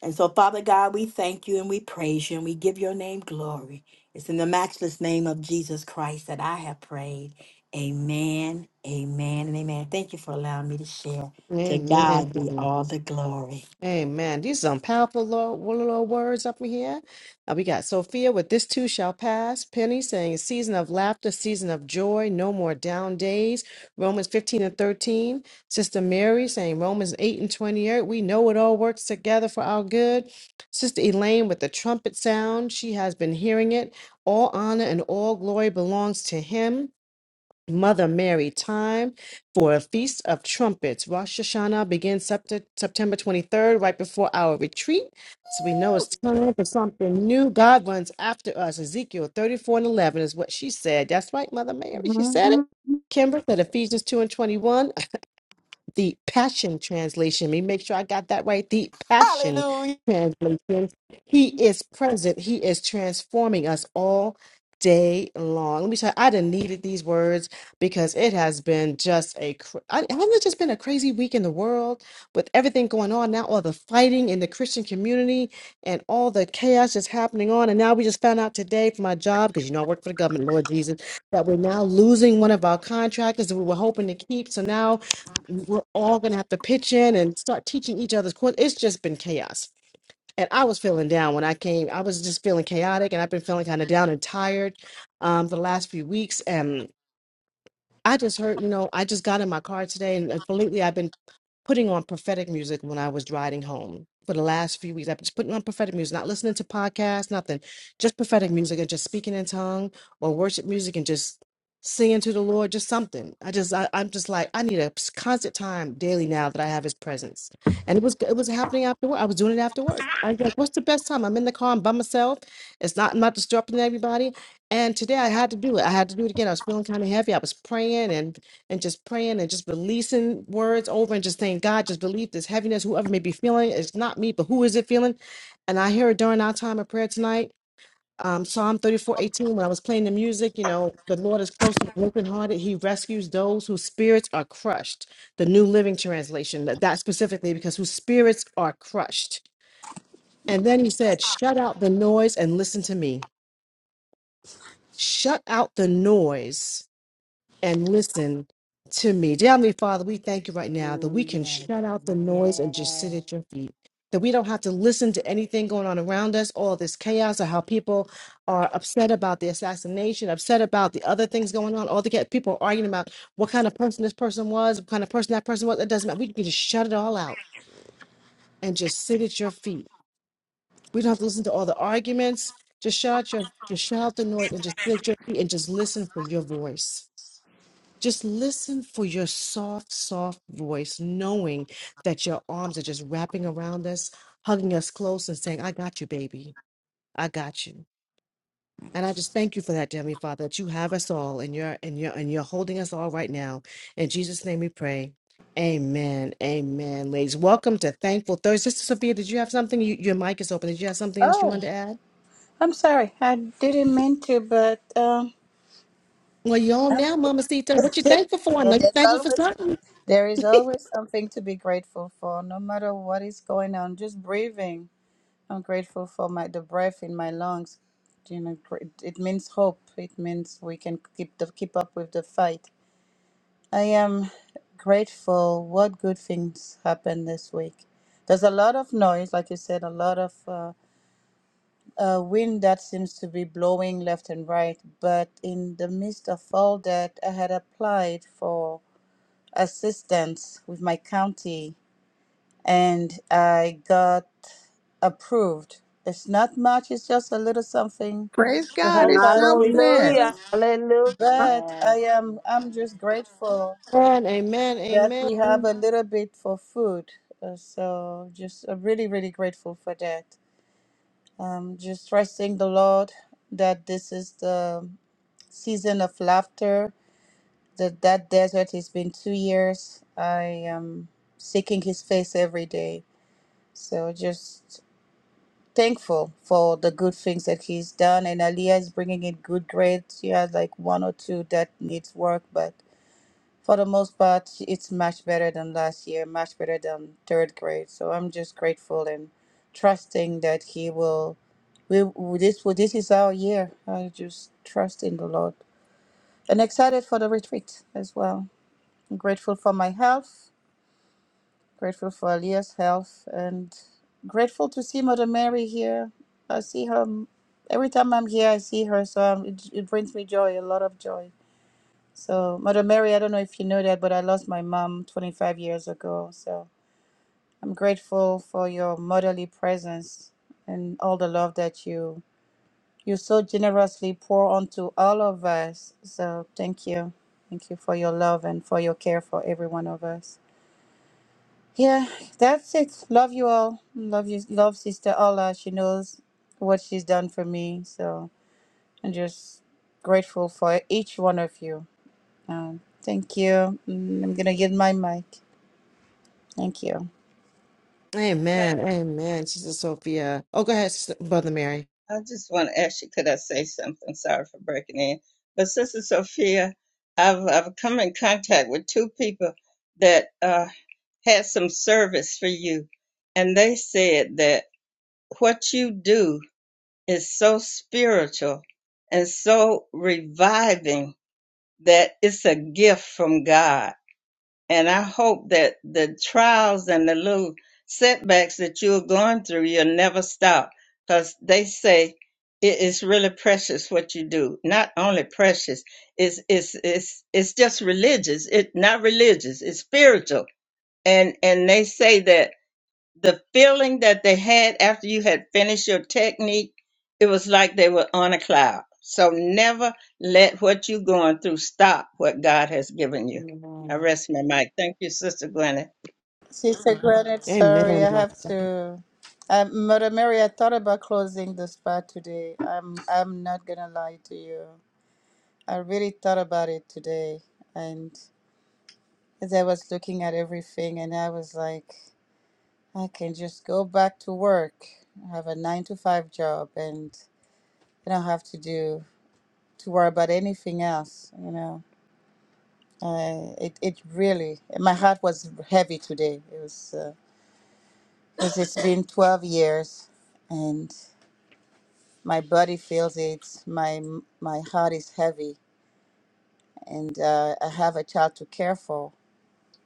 E: And so, Father God, we thank you and we praise you and we give your name glory. It's in the matchless name of Jesus Christ that I have prayed. Amen, amen, and amen. Thank you for allowing me to share. To
A: Amen.
E: God be all the glory.
A: Amen. These are some powerful little, little words up in here. Uh, we got Sophia with this too shall pass. Penny saying season of laughter, season of joy, no more down days. Romans 15 and 13. Sister Mary saying Romans 8 and 28. We know it all works together for our good. Sister Elaine with the trumpet sound. She has been hearing it. All honor and all glory belongs to him. Mother Mary time for a Feast of Trumpets. Rosh Hashanah begins Sept- September 23rd, right before our retreat. So we know it's time for something new. God runs after us. Ezekiel 34 and 11 is what she said. That's right, Mother Mary. She said it. Kimber said Ephesians 2 and 21 the Passion Translation. Let me make sure I got that right. The Passion
E: Hallelujah.
A: Translation. He is present. He is transforming us all day long. Let me tell you, I done needed these words because it has been just a, cr- I, haven't it just been a crazy week in the world with everything going on now, all the fighting in the Christian community and all the chaos that's happening on. And now we just found out today from my job, because you know I work for the government, Lord Jesus, that we're now losing one of our contractors that we were hoping to keep. So now we're all going to have to pitch in and start teaching each other's course. It's just been chaos. And I was feeling down when I came. I was just feeling chaotic and I've been feeling kind of down and tired um, the last few weeks. And I just heard, you know, I just got in my car today and uh, lately I've been putting on prophetic music when I was riding home. For the last few weeks, I've been just putting on prophetic music, not listening to podcasts, nothing, just prophetic music and just speaking in tongue or worship music and just singing to the Lord, just something. I just, I, I'm just like, I need a constant time daily now that I have His presence. And it was, it was happening after work. I was doing it after work. I was like, what's the best time? I'm in the car, I'm by myself. It's not, I'm not disrupting everybody. And today I had to do it. I had to do it again. I was feeling kind of heavy. I was praying and and just praying and just releasing words over and just saying, God, just believe this heaviness, whoever may be feeling, it, it's not me, but who is it feeling? And I hear it during our time of prayer tonight. Um, Psalm 34 18. when I was playing the music, you know, the Lord is close to the brokenhearted. He rescues those whose spirits are crushed. The New Living Translation, that, that specifically, because whose spirits are crushed. And then he said, Shut out the noise and listen to me. Shut out the noise and listen to me. Dear Heavenly Father, we thank you right now that we can
E: Hallelujah.
A: shut out the noise and just sit
E: Yes.
A: at your feet. That we don't have to listen to anything going on around us, all this chaos, or how people are upset about the assassination, upset about the other things going on, all the ca- people arguing about what kind of person this person was, what kind of person that person was. It doesn't matter. We can just shut it all out and just sit at your feet. We don't have to listen to all the arguments. Just shout your, just shut out the noise and just sit at your feet and just listen for your voice. Just listen for your soft, soft voice, knowing that your arms are just wrapping around us, hugging us close, and saying, I got you, baby. I got you. And I just thank you for that, dear Heavenly Father, that you have us all and you're and you're and you're holding us all right now. In Jesus' name we pray. Amen. Amen. Ladies, welcome to Thankful Thursday. Sister Sophia, did you have something? You, your mic is open. Did you have something else you
D: Oh,
A: wanted to add?
D: I'm sorry. I didn't mean to, but um,
A: Well, you on now, Mama Sita. What you thankful for? I
D: yeah,
A: know you're
D: there's
A: thankful for
D: always
A: something.
D: there is always something to be grateful for, no matter what is going on. Just breathing, I'm grateful for my the breath in my lungs. You know, gr- it means hope. It means we can keep the keep up with the fight. I am grateful what good things happened this week. There's a lot of noise, like you said, a lot of uh, uh, wind that seems to be blowing left and right. But in the midst of all that, I had applied for assistance with my county and I got approved. It's not much, it's just a little something
C: Praise
D: to
C: God.
D: help
C: It's
D: us with
C: something.
D: food,
B: Hallelujah. Hallelujah.
D: but I
E: yes.
D: am I'm just grateful
A: Amen, amen,
D: that we have
A: amen.
D: a little bit for food. Uh, so just uh, really, really grateful for that. Um, just trusting the Lord that this is the season of laughter. That that desert has been two years. I am seeking His face every day. So just thankful for the good things that He's done. And Aliyah is bringing in good grades. She has like one or two that needs work, but for the most part, it's much better than last year, much better than third grade. So I'm just grateful and trusting that He will. We we- this will- this is our year. I just trust in the Lord and excited for the retreat as well. I'm grateful for my health, grateful for Aaliyah's health, and grateful to see Mother Mary here. I see her m- every time I'm here. I see her, so um, it, it brings me joy, a lot of joy so, Mother Mary, I don't know if you know that, but I lost my mom 25 years ago. So, I'm grateful for your motherly presence and all the love that you you so generously pour onto all of us. So, thank you. Thank you for your love and for your care for every one of us. Yeah, that's it. Love you all. Love you. Love Sister Allah. She knows what she's done for me. So, I'm just grateful for each one of you. Um, thank you. Mm, I'm gonna get my mic. Thank you.
G: Well,
A: Amen, amen, Sister Sophia. Oh, go ahead, Sister Brother Mary.
G: I just want to ask you, could I say something? Sorry for breaking in. But Sister Sophia, I've, I've come in contact with two people that uh, had some service for you. And they said that what you do is so spiritual and so reviving that it's a gift from God. And I hope that the trials and the little setbacks that you're going through, you'll never stop because they say it is really precious what you do. Not only precious, it's, it's, it's, it's just religious. It's not religious, it's spiritual. And, and they say that the feeling that they had after you had finished your technique, it was like they were on a cloud. So never let what you're going through stop what God has given you. I
E: Amen.
G: rest my mic. Thank you, Sister Glenna.
D: Sister Granite, sorry, I
A: Amen.
D: have to. Um, Mother Mary, I thought about closing the spa today. I'm, I'm not gonna lie to you. I really thought about it today, and as I was looking at everything, and I was like, I can just go back to work, have a nine to five job, and I don't have to do to worry about anything else, you know. Uh, it it really my heart was heavy today. It was uh, 'cause it's been twelve years, and my body feels it. My my heart is heavy, and uh, I have a child to care for,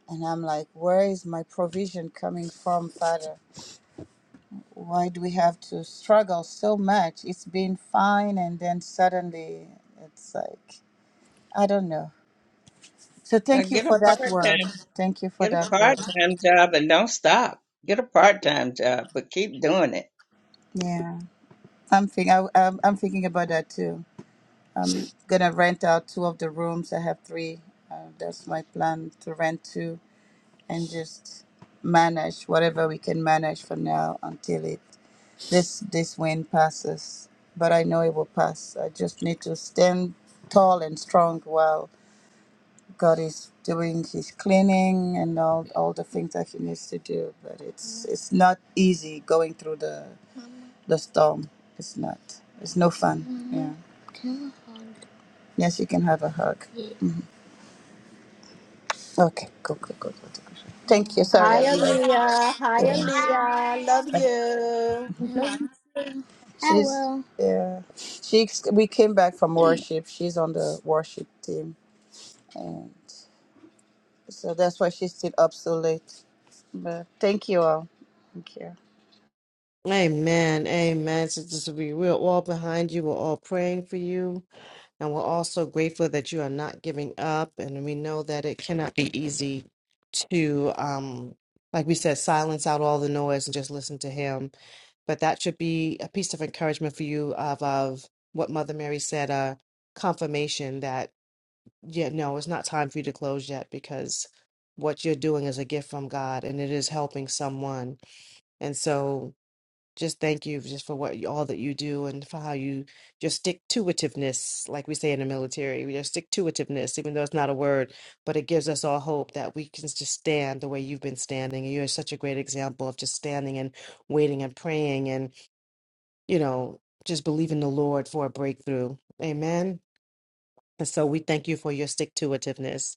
D: and I'm like, where is my provision coming from, Father? Why do we have to struggle so much? It's been fine, and then suddenly it's like I don't know. So
G: Now
D: thank you
G: get a
D: for that
G: part
D: word. Thank you for
G: Get a
D: that word.
G: part-time job and don't stop. Get a part-time job, but keep doing it.
D: Yeah. I'm thinking. I, I'm, I'm thinking about that too. I'm gonna rent out two of the rooms. I have three. Uh, that's my plan to rent two and just manage whatever we can manage for now until it this this wind passes. But I know it will pass. I just need to stand tall and strong while God is doing His cleaning and all all the things that He needs to do. But it's it's not easy going through the the storm. It's not. It's no fun. Yeah. Yes, you can have a hug. Okay, go, go, go, go, go. Thank you. Sorry, I
E: Hi,
D: realized.
E: Aaliyah. Hi,
D: Yeah.
E: Aaliyah. Love you.
D: I She's, will. Yeah. She's, we came back from worship. She's on the worship team. And so that's why she stayed up so late. But thank you all. Thank you.
A: Amen, amen, Sister Sophia. We're all behind you. We're all praying for you. And we're also grateful that you are not giving up. And we know that it cannot be easy to, um, like we said, silence out all the noise and just listen to Him. But that should be a piece of encouragement for you of, of what Mother Mary said, uh, confirmation that, yeah, no, it's not time for you to close yet because what you're doing is a gift from God and it is helping someone. And so just thank you just for what you- all that you do and for how you just stick to itiveness like we say in the military we just stick to itiveness even though it's not a word but it gives us all hope that we can just stand the way you've been standing and you're such a great example of just standing and waiting and praying and you know just believing the lord for a breakthrough amen and so we thank you for your stick to itiveness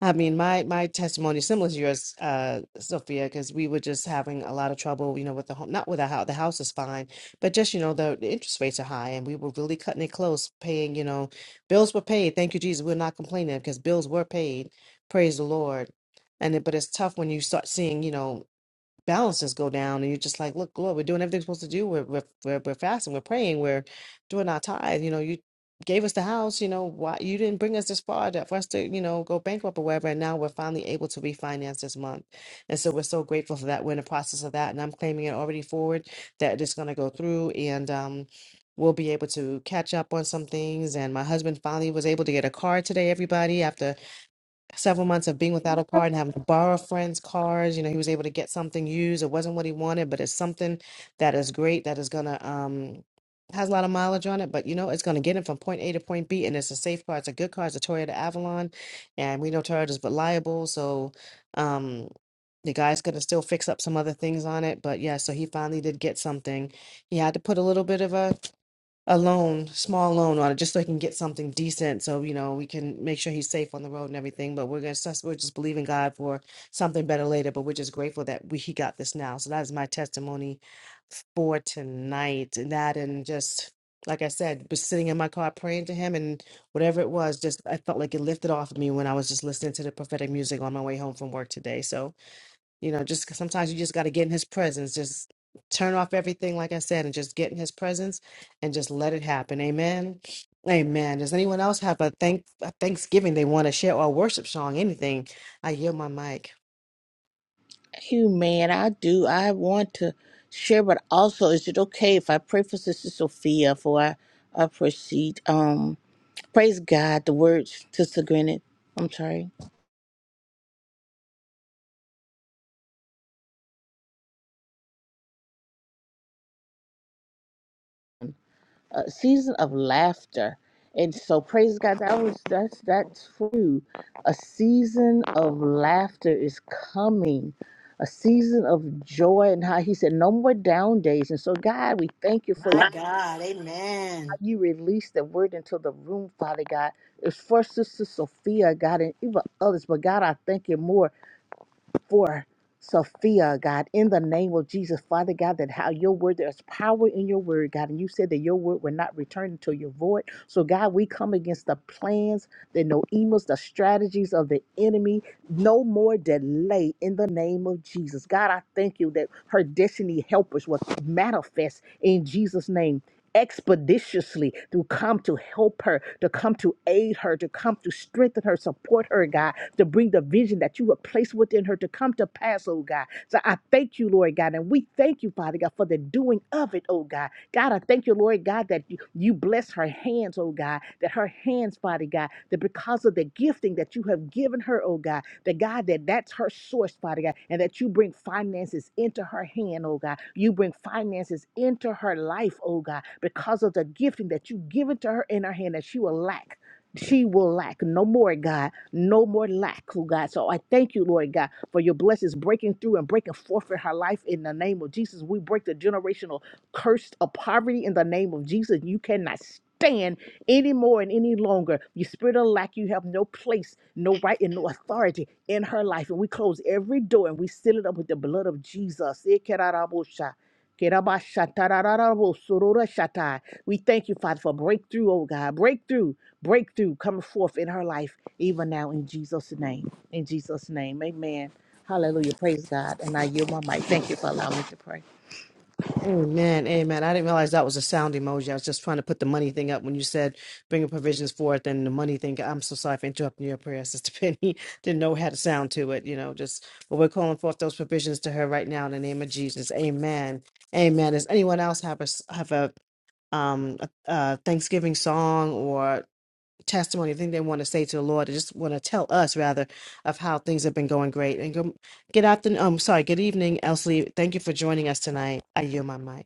A: I mean, my my testimony is similar to yours, uh, Sophia, because we were just having a lot of trouble, you know, with the home. Not with the house, the house is fine, but just you know, the, the interest rates are high, and we were really cutting it close, paying. You know, bills were paid. Thank you, Jesus. We're not complaining because bills were paid. Praise the Lord. And it, but it's tough when you start seeing, you know, balances go down and you're just like look lord we're doing everything we're supposed to do we're, we're, we're, we're fasting we're praying we're doing our tithe you know you gave us the house you know why you didn't bring us this far to, for us to you know go bankrupt or whatever and now we're finally able to refinance this month and so we're so grateful for that we're in the process of that and i'm claiming it already forward that it's going to go through and um we'll be able to catch up on some things and my husband finally was able to get a car today everybody After several months of being without a car and having to borrow friends' cars. You know, he was able to get something used. It wasn't what he wanted, but it's something that is great that is gonna um has a lot of mileage on it, but you know, it's gonna get him from point A to point B and it's a safe car. It's a good car, it's a Toyota Avalon, and we know Toyota's reliable, so um the guy's gonna still fix up some other things on it. But yeah, so he finally did get something. He had to put a little bit of a a loan, small loan on it, just so he can get something decent. So you know we can make sure he's safe on the road and everything. But we're gonna sus- we're just believing God for something better later. But we're just grateful that we he got this now. So that is my testimony for tonight. And that and just like I said, was sitting in my car praying to him and whatever it was, just I felt like it lifted off of me when I was just listening to the prophetic music on my way home from work today. So you know, just sometimes you just got to get in his presence. Just turn off everything, like I said, and just get in his presence and just let it happen. Amen. Amen. Does anyone else have a thank a Thanksgiving they want to share or a worship song? Anything? I yield my mic.
C: you, man. I do. I want to share, but also, is it okay if I pray for Sister Sophia before I, I proceed? Um, praise God. The words to Grinnet. I'm sorry. A season of laughter, and so praise God. That was that's that's true. A season of laughter is coming. A season of joy, and how He said, "No more down days." And so, God, we thank you for.
E: My God. Amen.
C: you release the word into the room, Father God. It's for Sister Sophia, God, and even others. But God, I thank you more for Sophia, God, in the name of Jesus, Father God, that how your word, there's power in your word, God. And you said that your word will not return until your void. So, God, we come against the plans, the no emails, the strategies of the enemy. No more delay in the name of Jesus. God, I thank you that her destiny helpers will manifest in Jesus' name. Expeditiously to come to help her, to come to aid her, to come to strengthen her, support her, God to bring the vision that you have placed within her to come to pass, oh God. So I thank you, Lord God, and we thank you, Father God, for the doing of it, oh God. God, I thank you, Lord God, that you you bless her hands, oh God, that her hands, Father God, that because of the gifting that you have given her, oh God, that God, that that's her source, Father God, and that you bring finances into her hand, oh God. You bring finances into her life, oh God, because of the gifting that you've given to her in her hand that she will lack. She will lack no more, God, no more lack, oh God. So I thank you, Lord God, for your blessings breaking through and breaking forth in her life in the name of Jesus. We break the generational curse of poverty in the name of Jesus. You cannot stand anymore and any longer. Your spirit of lack, you have no place, no right, and no authority in her life. And we close every door and we seal it up with the blood of Jesus. Kerabashatarararabosororashatai. We thank you, Father, for breakthrough, oh God. Breakthrough, breakthrough coming forth in her life, even now in Jesus' name. In Jesus' name. Amen. Hallelujah. Praise God. And I yield my mic. Thank you for allowing me to pray.
A: Amen, amen. I didn't realize that was a sound emoji. I was just trying to put the money thing up when you said bring your provisions forth and the money thing. I'm so sorry for interrupting your prayer, Sister Penny. Didn't know how to sound to it, you know, just, but we're calling forth those provisions to her right now in the name of Jesus. Amen. Amen. Does anyone else have a, s- have a, um, a, a Thanksgiving song or testimony, thing they want to say to the Lord? They just want to tell us rather of how things have been going great. And go, get out the, um, sorry, good evening, Elsie. Thank you for joining us tonight. I yield my mic.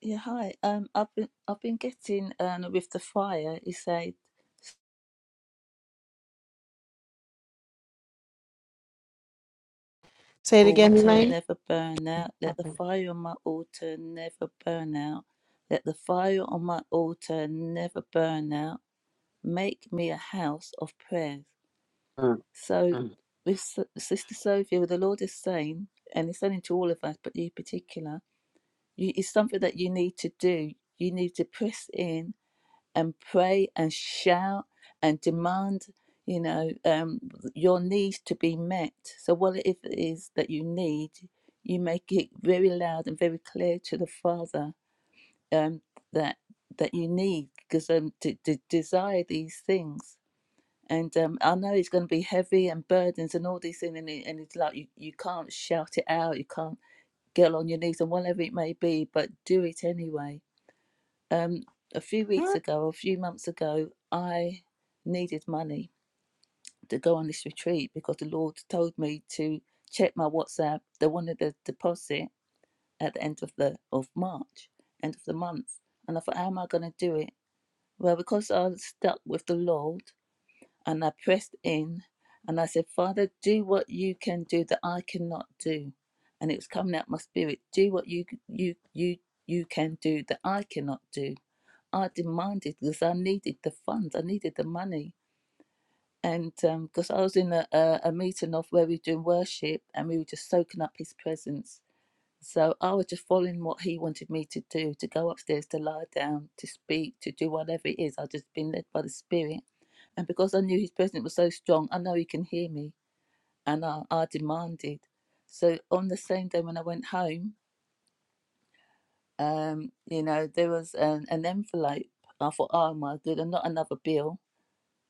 F: Yeah, hi. Um, I've been I've been getting um with the fire. He said,
A: Say it again,
F: "Altar
A: Elaine.
F: never burn out. Let the
A: Okay.
F: fire on my altar never burn out. Let the fire on my altar never burn out. Make me a house of prayer." So, with S- Sister Sophia, what the Lord is saying, and He's saying to all of us, but you in particular, you, it's something that you need to do. You need to press in and pray and shout and demand, you know, um, your needs to be met. So, whatever it is that you need, you make it very loud and very clear to the Father um, that that you need, because um, to, to desire these things and um, I know it's going to be heavy and burdens and all these things, and, it, and it's like you, you can't shout it out, you can't get on your knees and whatever it may be, but do it anyway. Um, a few weeks ago, a few months ago, I needed money to go on this retreat because the Lord told me to check my WhatsApp. They wanted a deposit at the end of the of March, end of the month, and I thought, how am I going to do it? Well, because I was stuck with the law and I pressed in and I said, Father, do what you can do that I cannot do. And it was coming out my spirit, do what you you you you can do that I cannot do. I demanded because I needed the funds, I needed the money. And um, because I was in a, a, a meeting of where we were doing worship and we were just soaking up his presence. So I was just following what he wanted me to do to go upstairs, to lie down, to speak, to do whatever it is. I'd just been led by the Spirit and because I knew his presence was so strong, I know he can hear me. And I, I demanded. So on the same day when I went home, um, you know, there was an, an envelope. I thought, oh my good, and not another bill.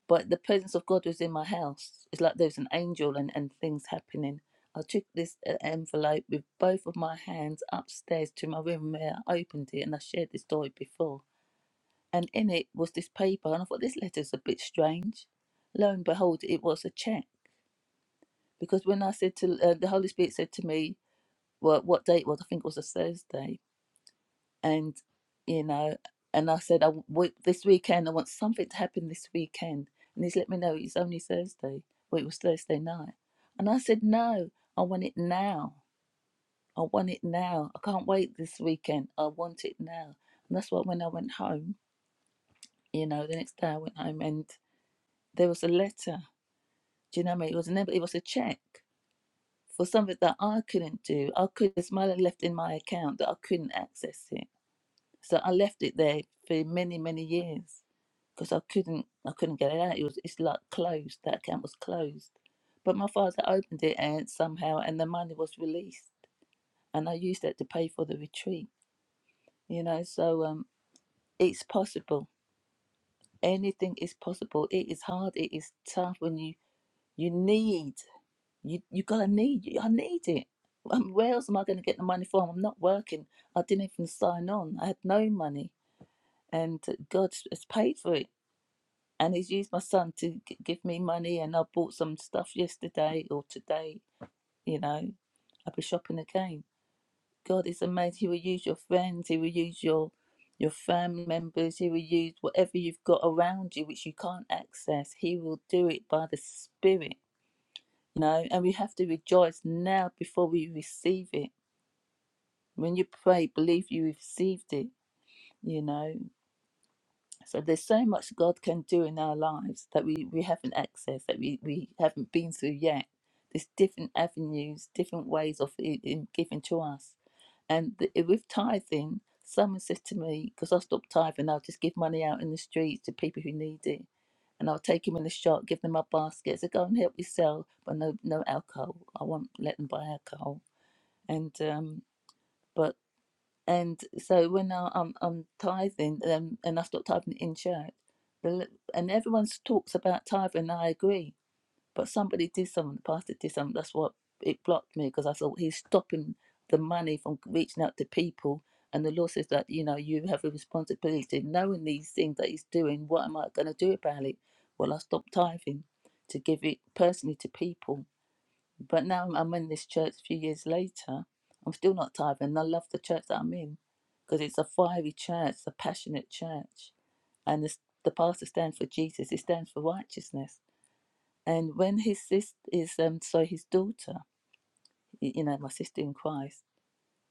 F: But the presence of God was in my house. It's like there was an angel and, and things happening. I took this uh, envelope with both of my hands upstairs to my room where I opened it and I shared this story before. And in it was this paper, and I thought this letter's a bit strange. Lo and behold, it was a check because when I said to uh, the Holy Spirit said to me, "Well, what day it was? I think it was a Thursday," and you know, and I said, "I w- this weekend I want something to happen this weekend," and He's let me know it's only Thursday. Well, it was Thursday night, and I said, "No, I want it now. I want it now. I can't wait this weekend. I want it now." And that's why when I went home, you know, the next day I went home and there was a letter. Do you know what I mean? It was never. It was a check. for something that I couldn't do. I could there's money left in my account that I couldn't access it. So I left it there for many, many years because I couldn't I couldn't get it out. It was it's like closed. That account was closed. But my father opened it and somehow and the money was released and I used that to pay for the retreat. You know, so um it's possible. Anything is possible. It is hard, it is tough when you you need You you gotta need I need it. Um, Where else am I gonna get the money from? I'm not working. I didn't even sign on. I had no money, and uh, God has paid for it. And He's used my son to g- give me money, and I bought some stuff yesterday or today. You know, I'll be shopping again. God is amazing. He will use your friends. He will use your your family members. He will use whatever you've got around you, which you can't access. He will do it by the Spirit you know, and we have to rejoice now before we receive it. When you pray, believe you received it, you know. So there's so much God can do in our lives that we, we haven't accessed, that we, we haven't been through yet. There's different avenues, different ways of it in giving to us. And the, eh, with tithing, someone said to me, because I stopped tithing, I'll just give money out in the streets to people who need it. And I'll take them in the shop, give them my basket. I said, go and help yourself, but no, no alcohol. I won't let them buy alcohol and um but and so when I, I'm I'm tithing um, and I stop tithing in church, the, li- and everyone talks about tithing, and I agree. But somebody did something, the pastor did something. That's what it blocked me because I thought he's stopping the money from reaching out to people. And the law says that you know you have a responsibility, knowing these things that he's doing. What am I going to do about it? Well, I stopped tithing to give it personally to people but now I'm I'm in this church a few years later. I'm still not tithing. and I love the church that I'm in because it's a fiery church, a passionate church. And this, the pastor stands for Jesus, it stands for righteousness. And when his sister is, um, so his daughter, y- you know, my sister in Christ,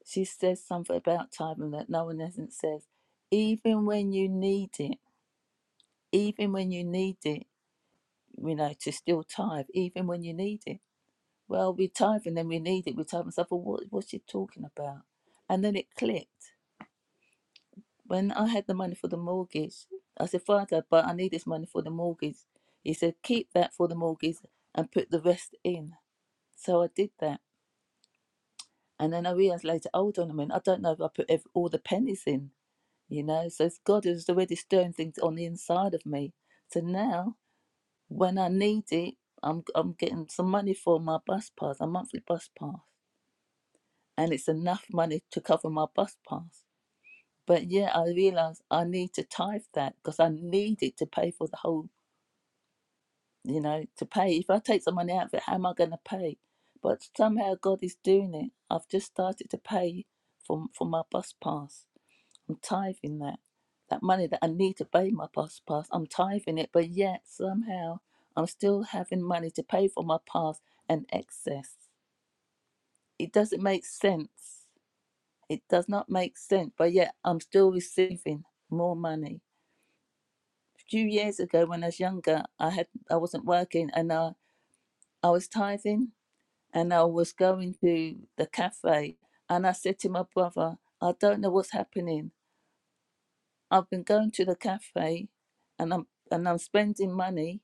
F: she says something about tithing that no one hasn't says, even when you need it, even when you need it, you know, to still tithe, even when you need it. Well, we tithe and then we need it. We tithe myself. Well, what, what's she talking about? And then it clicked. When I had the money for the mortgage, I said, Father, but I need this money for the mortgage. He said, keep that for the mortgage and put the rest in. So I did that. And then I realized later, hold on a minute, I don't know if I put ev all the pennies in, you know? So it's God is already stirring things on the inside of me. So now when I need it, I'm, I'm getting some money for my bus pass, a monthly bus pass. and it's enough money to cover my bus pass. But yeah, I realised I need to tithe that because I need it to pay for the whole, you know, to pay. If I take some money out of it, how am I going to pay? But somehow God is doing it. I've just started to pay for for my bus pass. I'm tithing that. That money that I need to pay my bus pass, I'm tithing it, but yet somehow I'm still having money to pay for my pass and excess. It doesn't make sense It does not make sense, but yet I'm still receiving more money. A few years ago, when I was younger, I had I wasn't working, and I I was tithing, and I was going to the cafe, and I said to my brother, I don't know what's happening. I've been going to the cafe, and I'm and I'm spending money,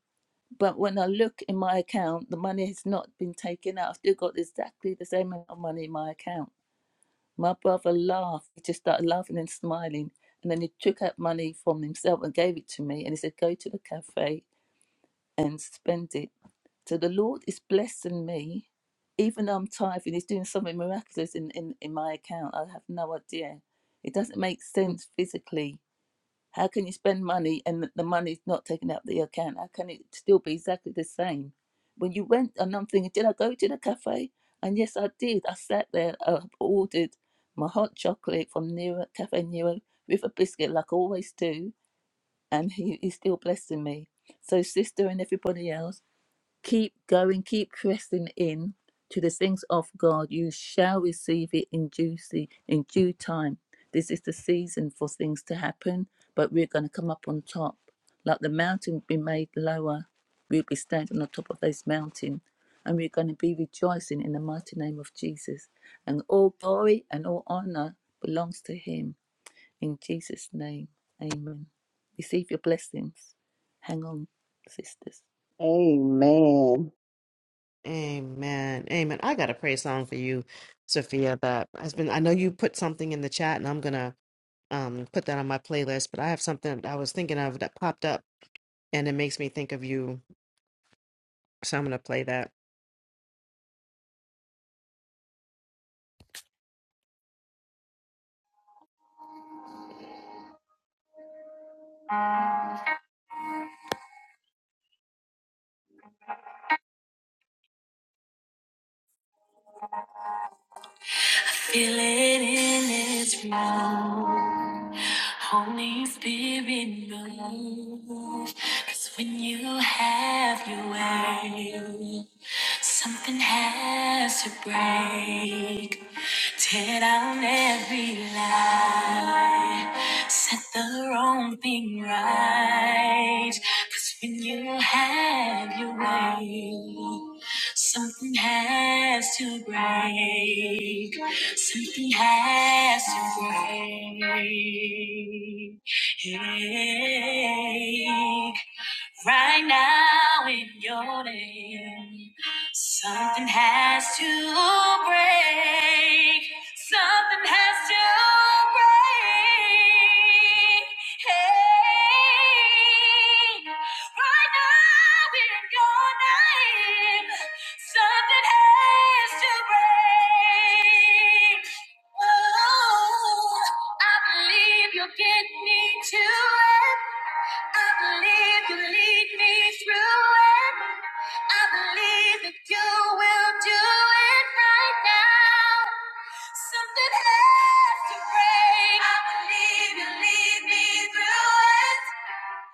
F: but when I look in my account, the money has not been taken out. I've still got exactly the same amount of money in my account My brother laughed. He just started laughing and smiling. And then he took out money from himself and gave it to me. And he said, Go to the cafe and spend it. So the Lord is blessing me. Even though I'm tithing, He's doing something miraculous in, in, in my account. I have no idea. It doesn't make sense physically how can you spend money and the money's not taken out of the account? How can it still be exactly the same? When you went, and I'm thinking, did I go to the cafe? And yes, I did. I sat there. I ordered my hot chocolate from Nero, Cafe Nero with a biscuit, like I always do. And he, he's still blessing me. So, sister and everybody else. Keep going, keep pressing in to the things of God. You shall receive it in due, in due time. This is the season for things to happen, but we're going to come up on top. Like the mountain be made lower, we'll be standing on top of this mountain, and we're going to be rejoicing in the mighty name of Jesus. And all glory and all honor belongs to Him. In Jesus' name, amen. Receive your blessings. Hang on, sisters.
B: Amen.
A: Amen. Amen. I got a praise song for you, Sophia, that has been I know you put something in the chat and I'm gonna um put that on my playlist, but I have something I was thinking of that popped up and it makes me think of you. So I'm gonna play that. Feel it in its room. Holy Spirit, move. 'Cause when you have your way, something has to break. Tear down every lie. Set the wrong thing right. 'Cause when you have your way, Something has to break. Something has to break. Right now in your name, something has to break. Something has to break. Hey, right now in your name. Something has to break. Oh, I believe you'll get me to it. I believe you lead me through it. I believe that you will do it right now. Something has to break. I believe you will lead me through it.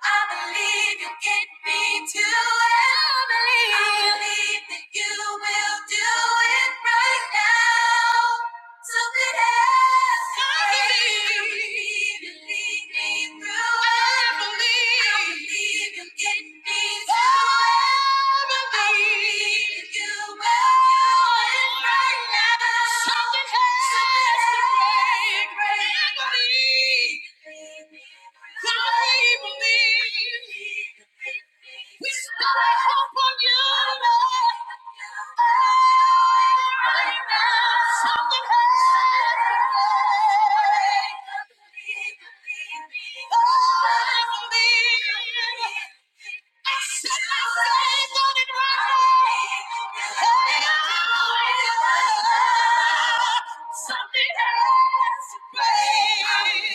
A: I believe you will get me to it. I believe, I believe that you will do it right now. Something else. I believe. Believe me through. I believe. I believe you'll get me through. I believe that you will. You and right now. Something has to break. break. I believe. I believe. We still hope on you, Lord. Right now, something happened. I believe. Something has to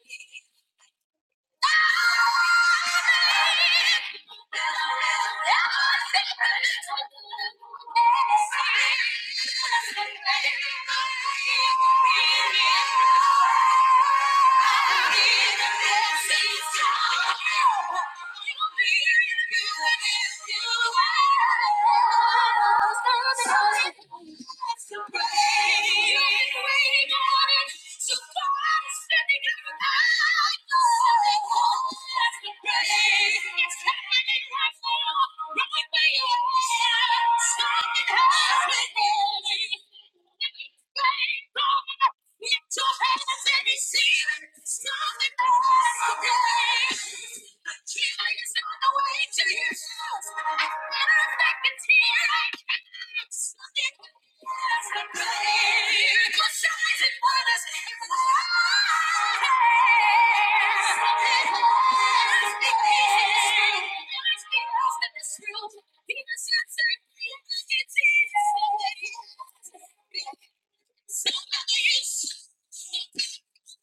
A: break. I'm in love with the things you do. I'm in love with the things you do. I'm in love with the things you do. Lift your hands and receive it. Stop it again. The healing is on the way to you. As a matter of fact, it's here. I can't stop it. Yes, I believe. Miracle signs and wonders. Yes, doesn't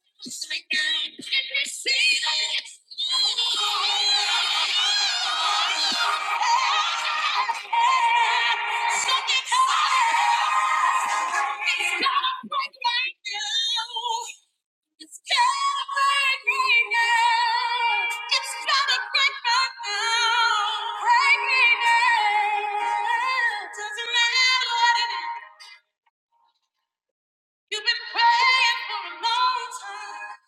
A: matter what it is. You've been praying for a long time.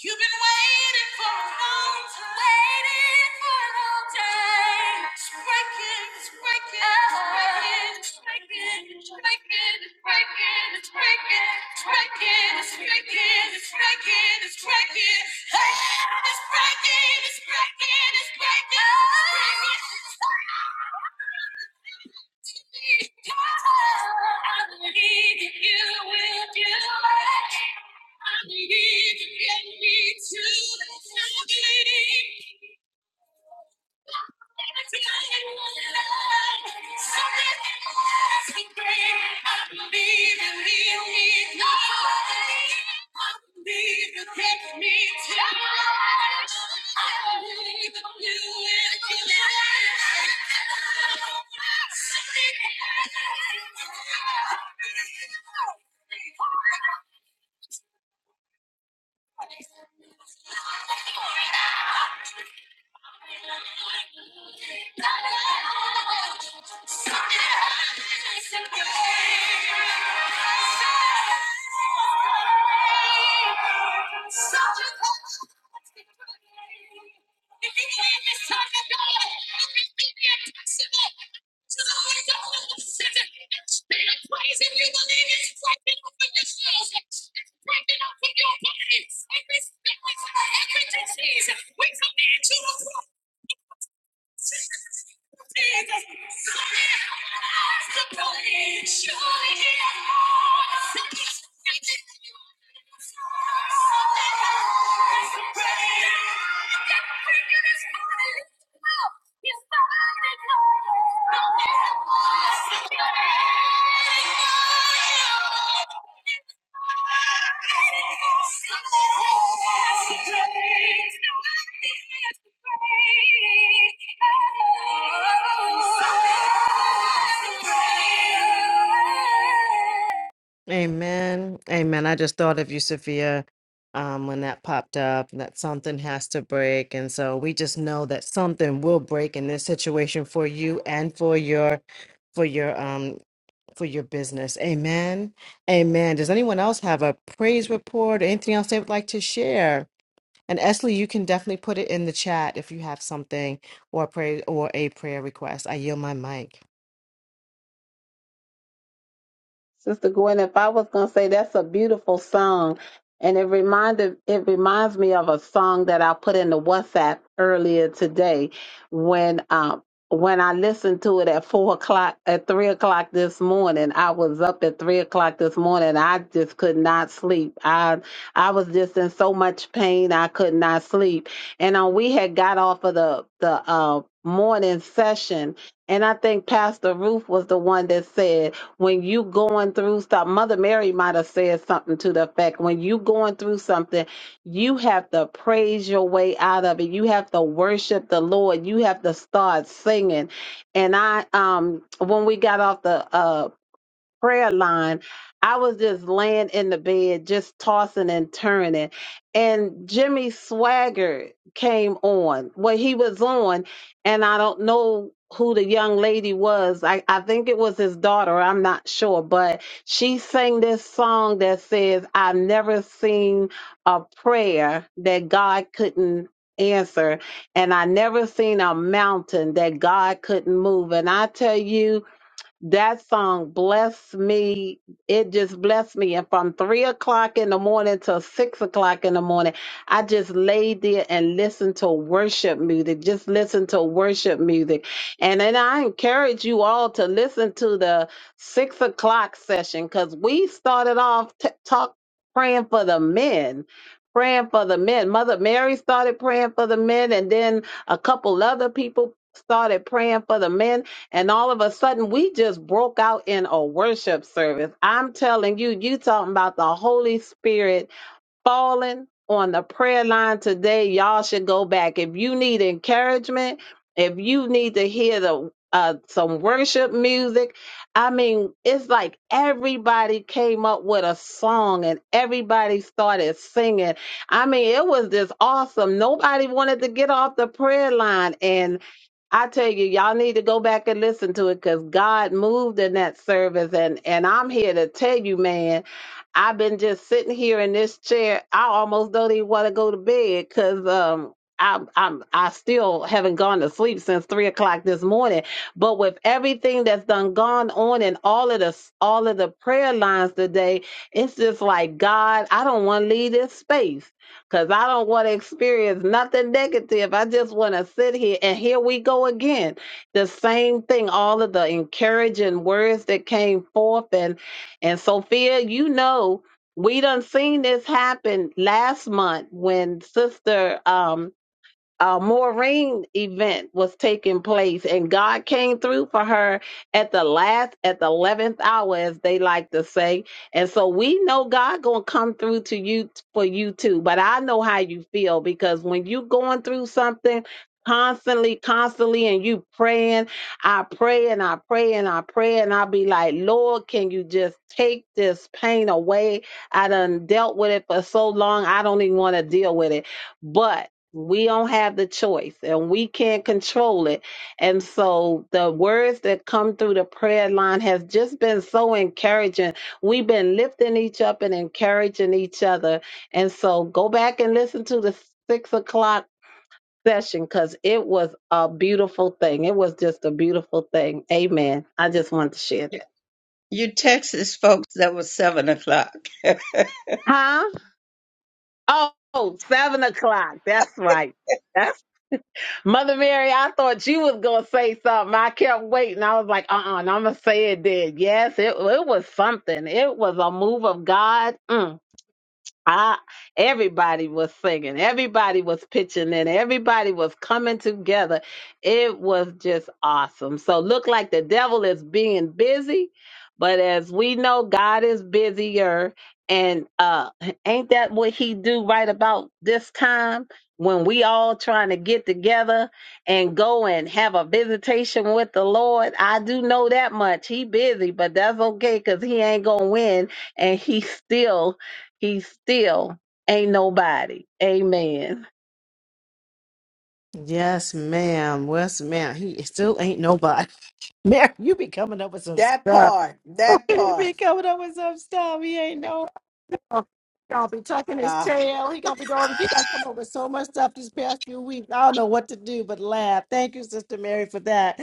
A: You've been waiting for a long time. Waiting for a long time. It's breaking, it's breaking, it's breaking, it's breaking, it's breaking, it's breaking, it's breaking, it's breaking, it's breaking, it's breaking, it's breaking. Hey, it's breaking, it's breaking, it's breaking, it's breaking. I believe that you will do it. I need to get me through this night. Thank you. Such a happy place to be. Such a happy place to be. If you believe it's time to go, you can make it possible. To the world that we're sending, make it real. If you believe it's breaking open your soul pregnant up with your body. Every spirit, every disease, we command you to go. Something has to break. Surely he has more to give. Something has to break. I can't break you this morning. Well, he's finally breaking. Something has to break. It's breaking. Something has to break. Something has to break. Amen. Amen. I just thought of you, Sophia, um, when that popped up, that something has to break. And so we just know that something will break in this situation for you and for your for your um for your business. Amen. Amen. Does anyone else have a praise report or anything else they would like to share? And Esley, you can definitely put it in the chat if you have something or pray or a prayer request. I yield my mic.
B: Sister Gwen, if I was gonna say that's a beautiful song, and it reminded it reminds me of a song that I put in the WhatsApp earlier today when um when I listened to it at four o'clock at three o'clock this morning. I was up at three o'clock this morning. I just could not sleep. I I was just in so much pain I could not sleep. And uh, we had got off of the the uh morning session and I think Pastor Ruth was the one that said when you going through stuff mother mary might have said something to the effect when you going through something you have to praise your way out of it you have to worship the lord you have to start singing and i um when we got off the uh prayer line, I was just laying in the bed, just tossing and turning. And Jimmy Swagger came on. Well, he was on, and I don't know who the young lady was. I, I think it was his daughter. I'm not sure. But she sang this song that says, I've never seen a prayer that God couldn't answer and i never seen a mountain that god couldn't move and i tell you that song blessed me. It just blessed me. And from three o'clock in the morning till six o'clock in the morning, I just laid there and listened to worship music. Just listen to worship music. And then I encourage you all to listen to the six o'clock session because we started off t- talk praying for the men. Praying for the men. Mother Mary started praying for the men, and then a couple other people started praying for the men and all of a sudden, we just broke out in a worship service. I'm telling you, you talking about the Holy Spirit falling on the prayer line today. Y'all should go back. If you need encouragement, if you need to hear the uh, some worship music, I mean, it's like everybody came up with a song and everybody started singing. I mean, it was just awesome. Nobody wanted to get off the prayer line, and. I tell you, y'all need to go back and listen to it because God moved in that service, and and I'm here to tell you, man, I've been just sitting here in this chair. I almost don't even want to go to bed because um. I'm, I'm I still haven't gone to sleep since three o'clock this morning. But with everything that's done gone on and all of the all of the prayer lines today, it's just like God, I don't want to leave this space because I don't want to experience nothing negative. I just want to sit here. And here we go again. The same thing, all of the encouraging words that came forth. And, and Sophia, you know, we done seen this happen last month when Sister um, a Maureen event was taking place, and God came through for her at the last, at the eleventh hour, as they like to say. And so we know God gonna come through to you for you too. But I know how you feel because when you going through something constantly, constantly, and you praying, I pray and I pray and I pray and I be like, Lord, can you just take this pain away? I done dealt with it for so long, I don't even want to deal with it, but. We don't have the choice and we can't control it. And so the words that come through the prayer line has just been so encouraging. We've been lifting each up and encouraging each other. And so go back and listen to the six o'clock session because it was a beautiful thing. It was just a beautiful thing. Amen. I just wanted to share
G: You
B: that.
G: you Texas folks, that was seven o'clock. God,
B: Huh? Oh, oh, seven o'clock. That's right. Mother Mary, I thought you was gonna say something. I kept waiting. I was like, uh uh-uh, uh, i gonna say it did. Yes, it it was something. It was a move of God. Mm. I everybody was singing, everybody was pitching in, everybody was coming together. It was just awesome. So look like the devil is being busy, but as we know, God is busier. And uh ain't that what he do right about this time when we all trying to get together and go and have a visitation with the Lord? I do know that much. He busy, but that's okay because he ain't gonna win and he still he still ain't nobody. Amen.
A: Yes, ma'am. Yes, ma'am. He still ain't nobody. Mary, you be coming up with some
E: That
A: stuff.
E: part. That
A: You be
E: part.
A: coming up with some stuff. He ain't no. He gonna be tucking his
E: Ah.
A: tail. He gonna be doing. He done come up with so much stuff these past few weeks. I don't know what to do but laugh. Thank you, Sister Mary, for that.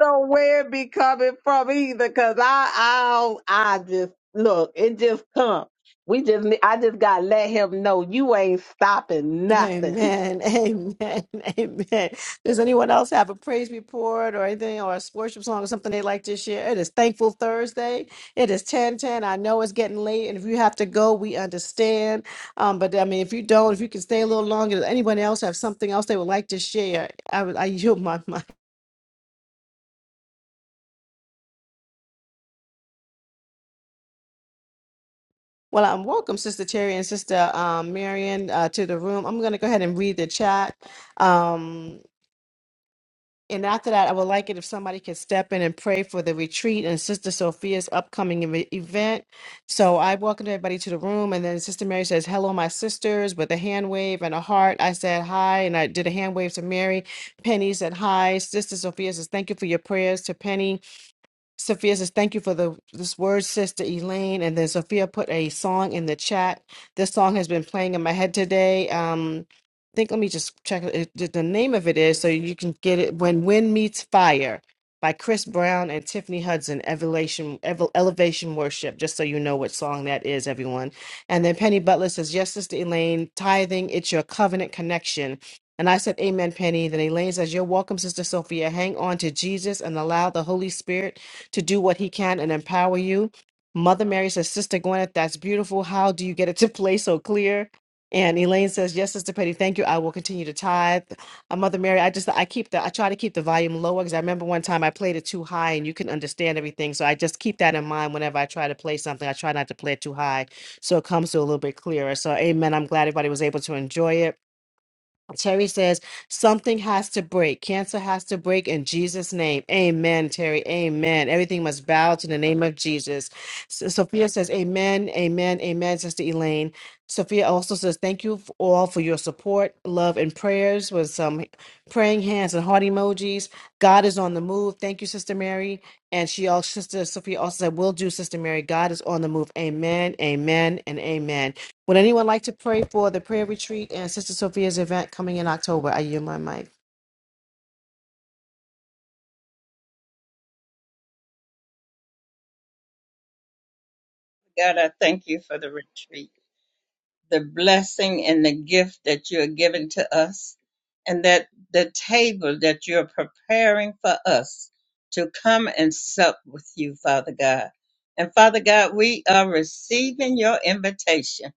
B: know where it be coming from either, cause I, I'll, I just look, it just come. We just, ne- I just gotta let him know you ain't stopping nothing.
A: Amen. Amen. Amen. Does anyone else have a praise report or anything or a worship song or something they'd like to share? It is Thankful Thursday. It is 10 10. I know it's getting late, and if you have to go, we understand. Um, but I mean, if you don't, if you can stay a little longer, does anyone else have something else they would like to share? I, would- I yield my mind. Well, I'm welcome, Sister Terry and Sister um, Marion, uh, to the room. I'm going to go ahead and read the chat. Um, And after that, I would like it if somebody could step in and pray for the retreat and Sister Sophia's upcoming ev- event. So I welcomed everybody to the room, and then Sister Mary says, "Hello, my sisters," with a hand wave and a heart. I said hi, and I did a hand wave to Mary. Penny said hi. Sister Sophia says, "Thank you for your prayers." To Penny, Sophia says, "Thank you for the this word, Sister Elaine." And then Sophia put a song in the chat. This song has been playing in my head today. Um, I think let me just check it, it- the name of it is so you can get it. When Wind Meets Fire by Chris Brown and Tiffany Hudson. Elevation, Evel- Elevation Worship. Just so you know what song that is, everyone. And then Penny Butler says, "Yes, Sister Elaine, tithing. It's your covenant connection." And I said, Amen, Penny. Then Elaine says, You're welcome, Sister Sophia. Hang on to Jesus and allow the Holy Spirit to do what he can and empower you. Mother Mary says, Sister Gwyneth, that's beautiful. How do you get it to play so clear? And Elaine says, Yes, Sister Petty, thank you. I will continue to tithe. Uh, Mother Mary, I just I keep the I try to keep the volume lower because I remember one time I played it too high and you can understand everything. So I just keep that in mind whenever I try to play something. I try not to play it too high so it comes to a little bit clearer. So amen. I'm glad everybody was able to enjoy it. Terry says, something has to break. Cancer has to break in Jesus' name. Amen, Terry. Amen. Everything must bow to the name of Jesus. So- Sophia says, Amen, amen, amen, Sister Elaine. Sophia also says, Thank you f- all for your support, love, and prayers with some praying hands and heart emojis. God is on the move. Thank you, Sister Mary. And she also, Sister Sophia also said, Will do, Sister Mary. God is on the move. Amen, amen, and amen. Would anyone like to pray for the prayer retreat and Sister Sophia's event coming in October? I yield my mic.
G: I thank you for the retreat. the blessing and the gift that you are giving to us, and that the table that you're preparing for us to come and sup with you, Father God. And Father God, we are receiving your invitation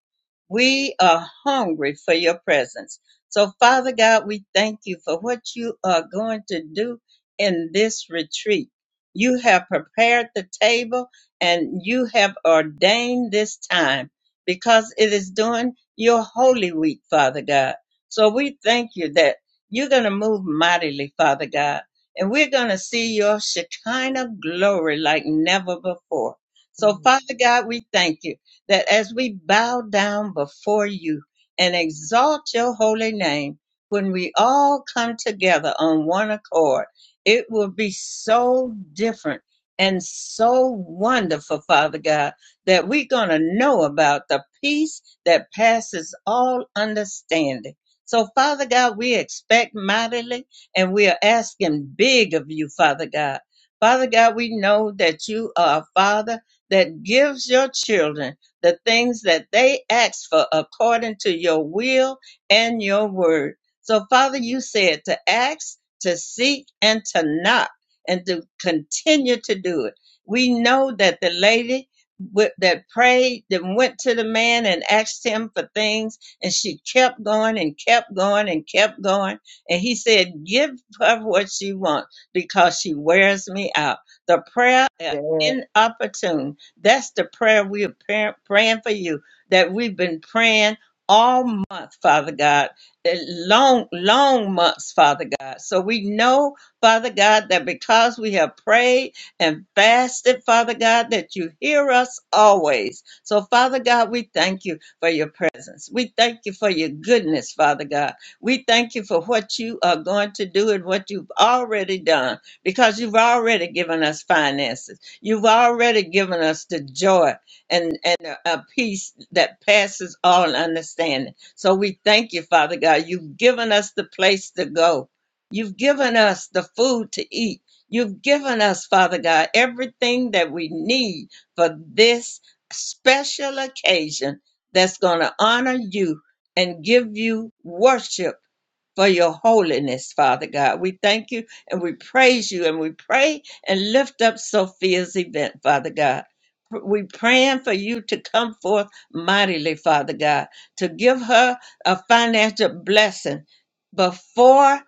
G: we are hungry for your presence. So, Father God, we thank you for what you are going to do in this retreat. You have prepared the table and you have ordained this time because it is during your holy week, Father God. So, we thank you that you're going to move mightily, Father God, and we're going to see your Shekinah glory like never before. So, Father God, we thank you that as we bow down before you and exalt your holy name, when we all come together on one accord, it will be so different and so wonderful, Father God, that we're going to know about the peace that passes all understanding. So, Father God, we expect mightily and we are asking big of you, Father God. Father God, we know that you are a Father that gives your children the things that they ask for according to your will and your word. So, Father, you said to ask, to seek, and to knock, and to continue to do it. We know that the lady wi- that prayed that went to the man and asked him for things, and she kept going and kept going and kept going. And he said, Give her what she wants because she wears me out. The prayer is
B: Yeah,
G: inopportune that's the prayer we are par- praying for you that we've been praying all month, Father God, eh, long, long months, Father God. So we know, Father God, that because we have prayed and fasted, Father God, that you hear us always. So, Father God, we thank you for your presence. We thank you for your goodness, Father God. We thank you for what you are going to do and what you've already done because you've already given us finances. You've already given us the joy and, and a, a peace that passes all understanding. So we thank you, Father God. You've given us the place to go. You've given us the food to eat. You've given us, Father God, everything that we need for this special occasion that's going to honor you and give you worship for your holiness, Father God. We thank you and we praise you and we pray and lift up Sophia's event, Father God. We praying for you to come forth mightily, Father God, to give her a financial blessing before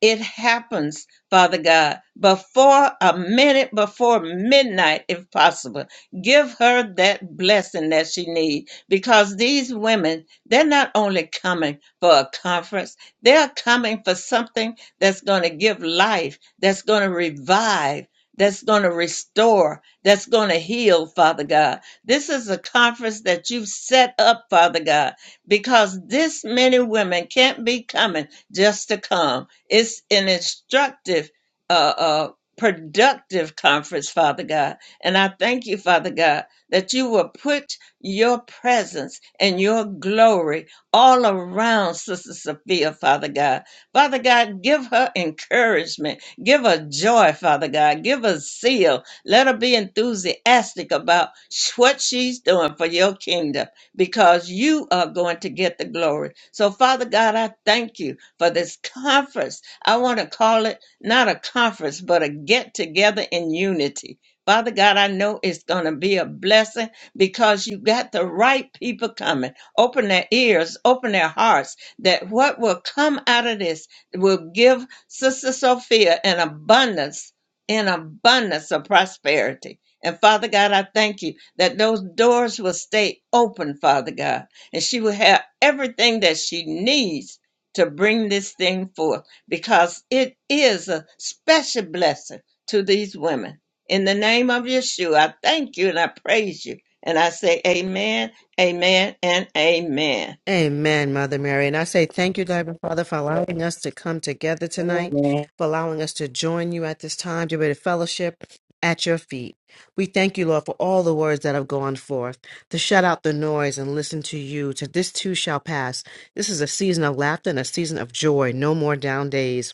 G: it happens, Father God, before a minute before midnight, if possible. Give her that blessing that she needs because these women, they're not only coming for a conference they're coming for something that's going to give life, that's going to revive, that's going to restore, that's going to heal, Father God. This is a conference that you've set up, Father God, because this many women can't be coming just to come. It's an instructive, uh, uh, productive conference, Father God. And I thank you, Father God, that you will put your presence and your glory all around Sister Sophia, Father God. Father God, give her encouragement. Give her joy, Father God. Give her zeal. Let her be enthusiastic about sh- what she's doing for your kingdom because you are going to get the glory. So, Father God, I thank you for this conference. I want to call it not a conference, but a get together in unity. Father God, I know it's going to be a blessing because you got the right people coming open their ears, open their hearts, that what will come out of this will give Sister Sophia an abundance, an abundance of prosperity. And Father God, I thank you that those doors will stay open, Father God, and she will have everything that she needs to bring this thing forth because it is a special blessing to these women. In the name of Yeshua, I thank you and I praise you. And I say, Amen Amen and amen.
A: Amen, Mother Mary. And I say thank you, Divine Father, for allowing us to come together tonight,
B: Amen.
A: for allowing us to join you at this time to be able to fellowship at your feet. We thank you, Lord, for all the words that have gone forth, to shut out the noise and listen to you, to this too shall pass. This is a season of laughter and a season of joy, no more down days.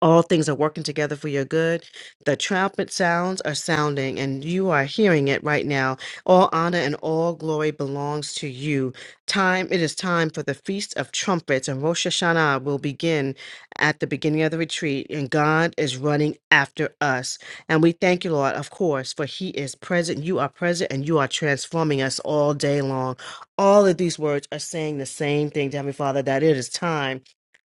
A: all things are working together for your good. The trumpet sounds are sounding, and you are hearing it right now. All honor and all glory belongs to you. Time it is time for the feast of trumpets, and Rosh Hashanah will begin at the beginning of the retreat. And God is running after us, and we thank you, Lord, of course, for He is present. You are present, and you are transforming us all day long. All of these words are saying the same thing, to Heavenly Father, that it is time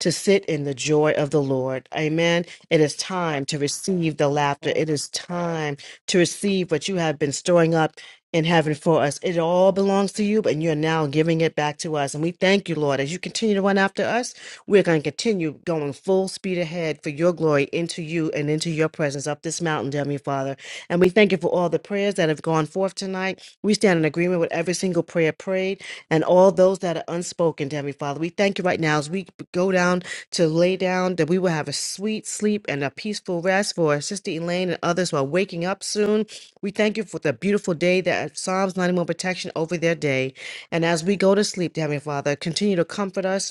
A: to sit in the joy of the Lord. Amen. It is time to receive the laughter. It is time to receive what you have been storing up in heaven for us. It all belongs to you, and you're now giving it back to us. And we thank you, Lord. As you continue to run after us, we're going to continue going full speed ahead for your glory into you and into your presence up this mountain, dear me, Father. And we thank you for all the prayers that have gone forth tonight. We stand in agreement with every single prayer prayed and all those that are unspoken, dear Heavenly Father. We thank you right now as we go down to lay down that we will have a sweet sleep and a peaceful rest for our sister Elaine and others who are waking up soon. We thank you for the beautiful day that Psalms 91 protection over their day. And as we go to sleep, dear Heavenly Father, continue to comfort us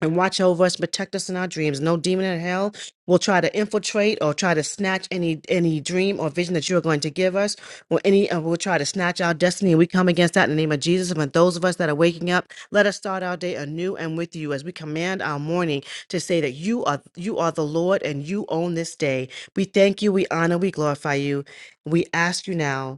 A: and watch over us, protect us in our dreams. No demon in hell will try to infiltrate or try to snatch any any dream or vision that you are going to give us, or any uh, will try to snatch our destiny. we come against that in the name of Jesus. And for those of us that are waking up, let us start our day anew and with you as we command our morning to say that you are you are the Lord and you own this day. We thank you, we honor, we glorify you. We ask you now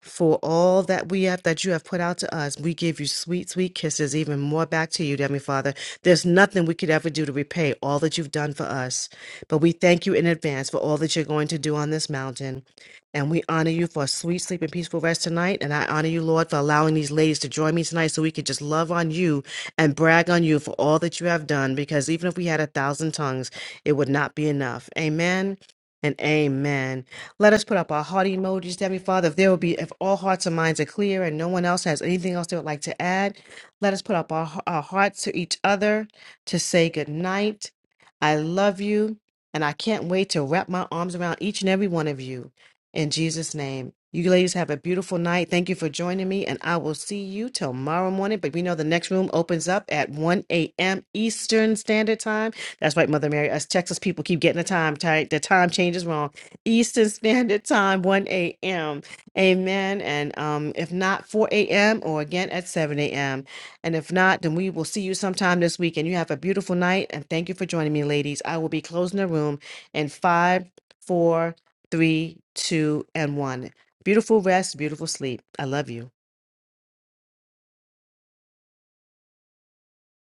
A: for all that we have that you have put out to us. We give you sweet, sweet kisses, even more back to you, dear Heavenly Father. There's nothing we could ever do to repay all that you've done for us. But we thank you in advance for all that you're going to do on this mountain. And we honor you for a sweet sleep and peaceful rest tonight. And I honor you, Lord, for allowing these ladies to join me tonight so we could just love on you and brag on you for all that you have done. Because even if we had a thousand tongues, it would not be enough. Amen and amen. Let us put up our heart emojis, Heavenly Father. If there will be, if all hearts and minds are clear and no one else has anything else they would like to add, let us put up our, our hearts to each other to say good night. I love you, and I can't wait to wrap my arms around each and every one of you. In Jesus' name. You ladies have a beautiful night. Thank you for joining me, and I will see you tomorrow morning. But we know the next room opens up at 1 a.m. Eastern Standard Time. That's right, Mother Mary. Us Texas people keep getting the time tight. The time changes wrong. Eastern Standard Time, 1 a.m. Amen. And um, if not, 4 a.m. or again at 7 a.m. And if not, then we will see you sometime this week. And you have a beautiful night. And thank you for joining me, ladies. I will be closing the room in five, four, three, two, and one. Beautiful rest, beautiful sleep. I love you.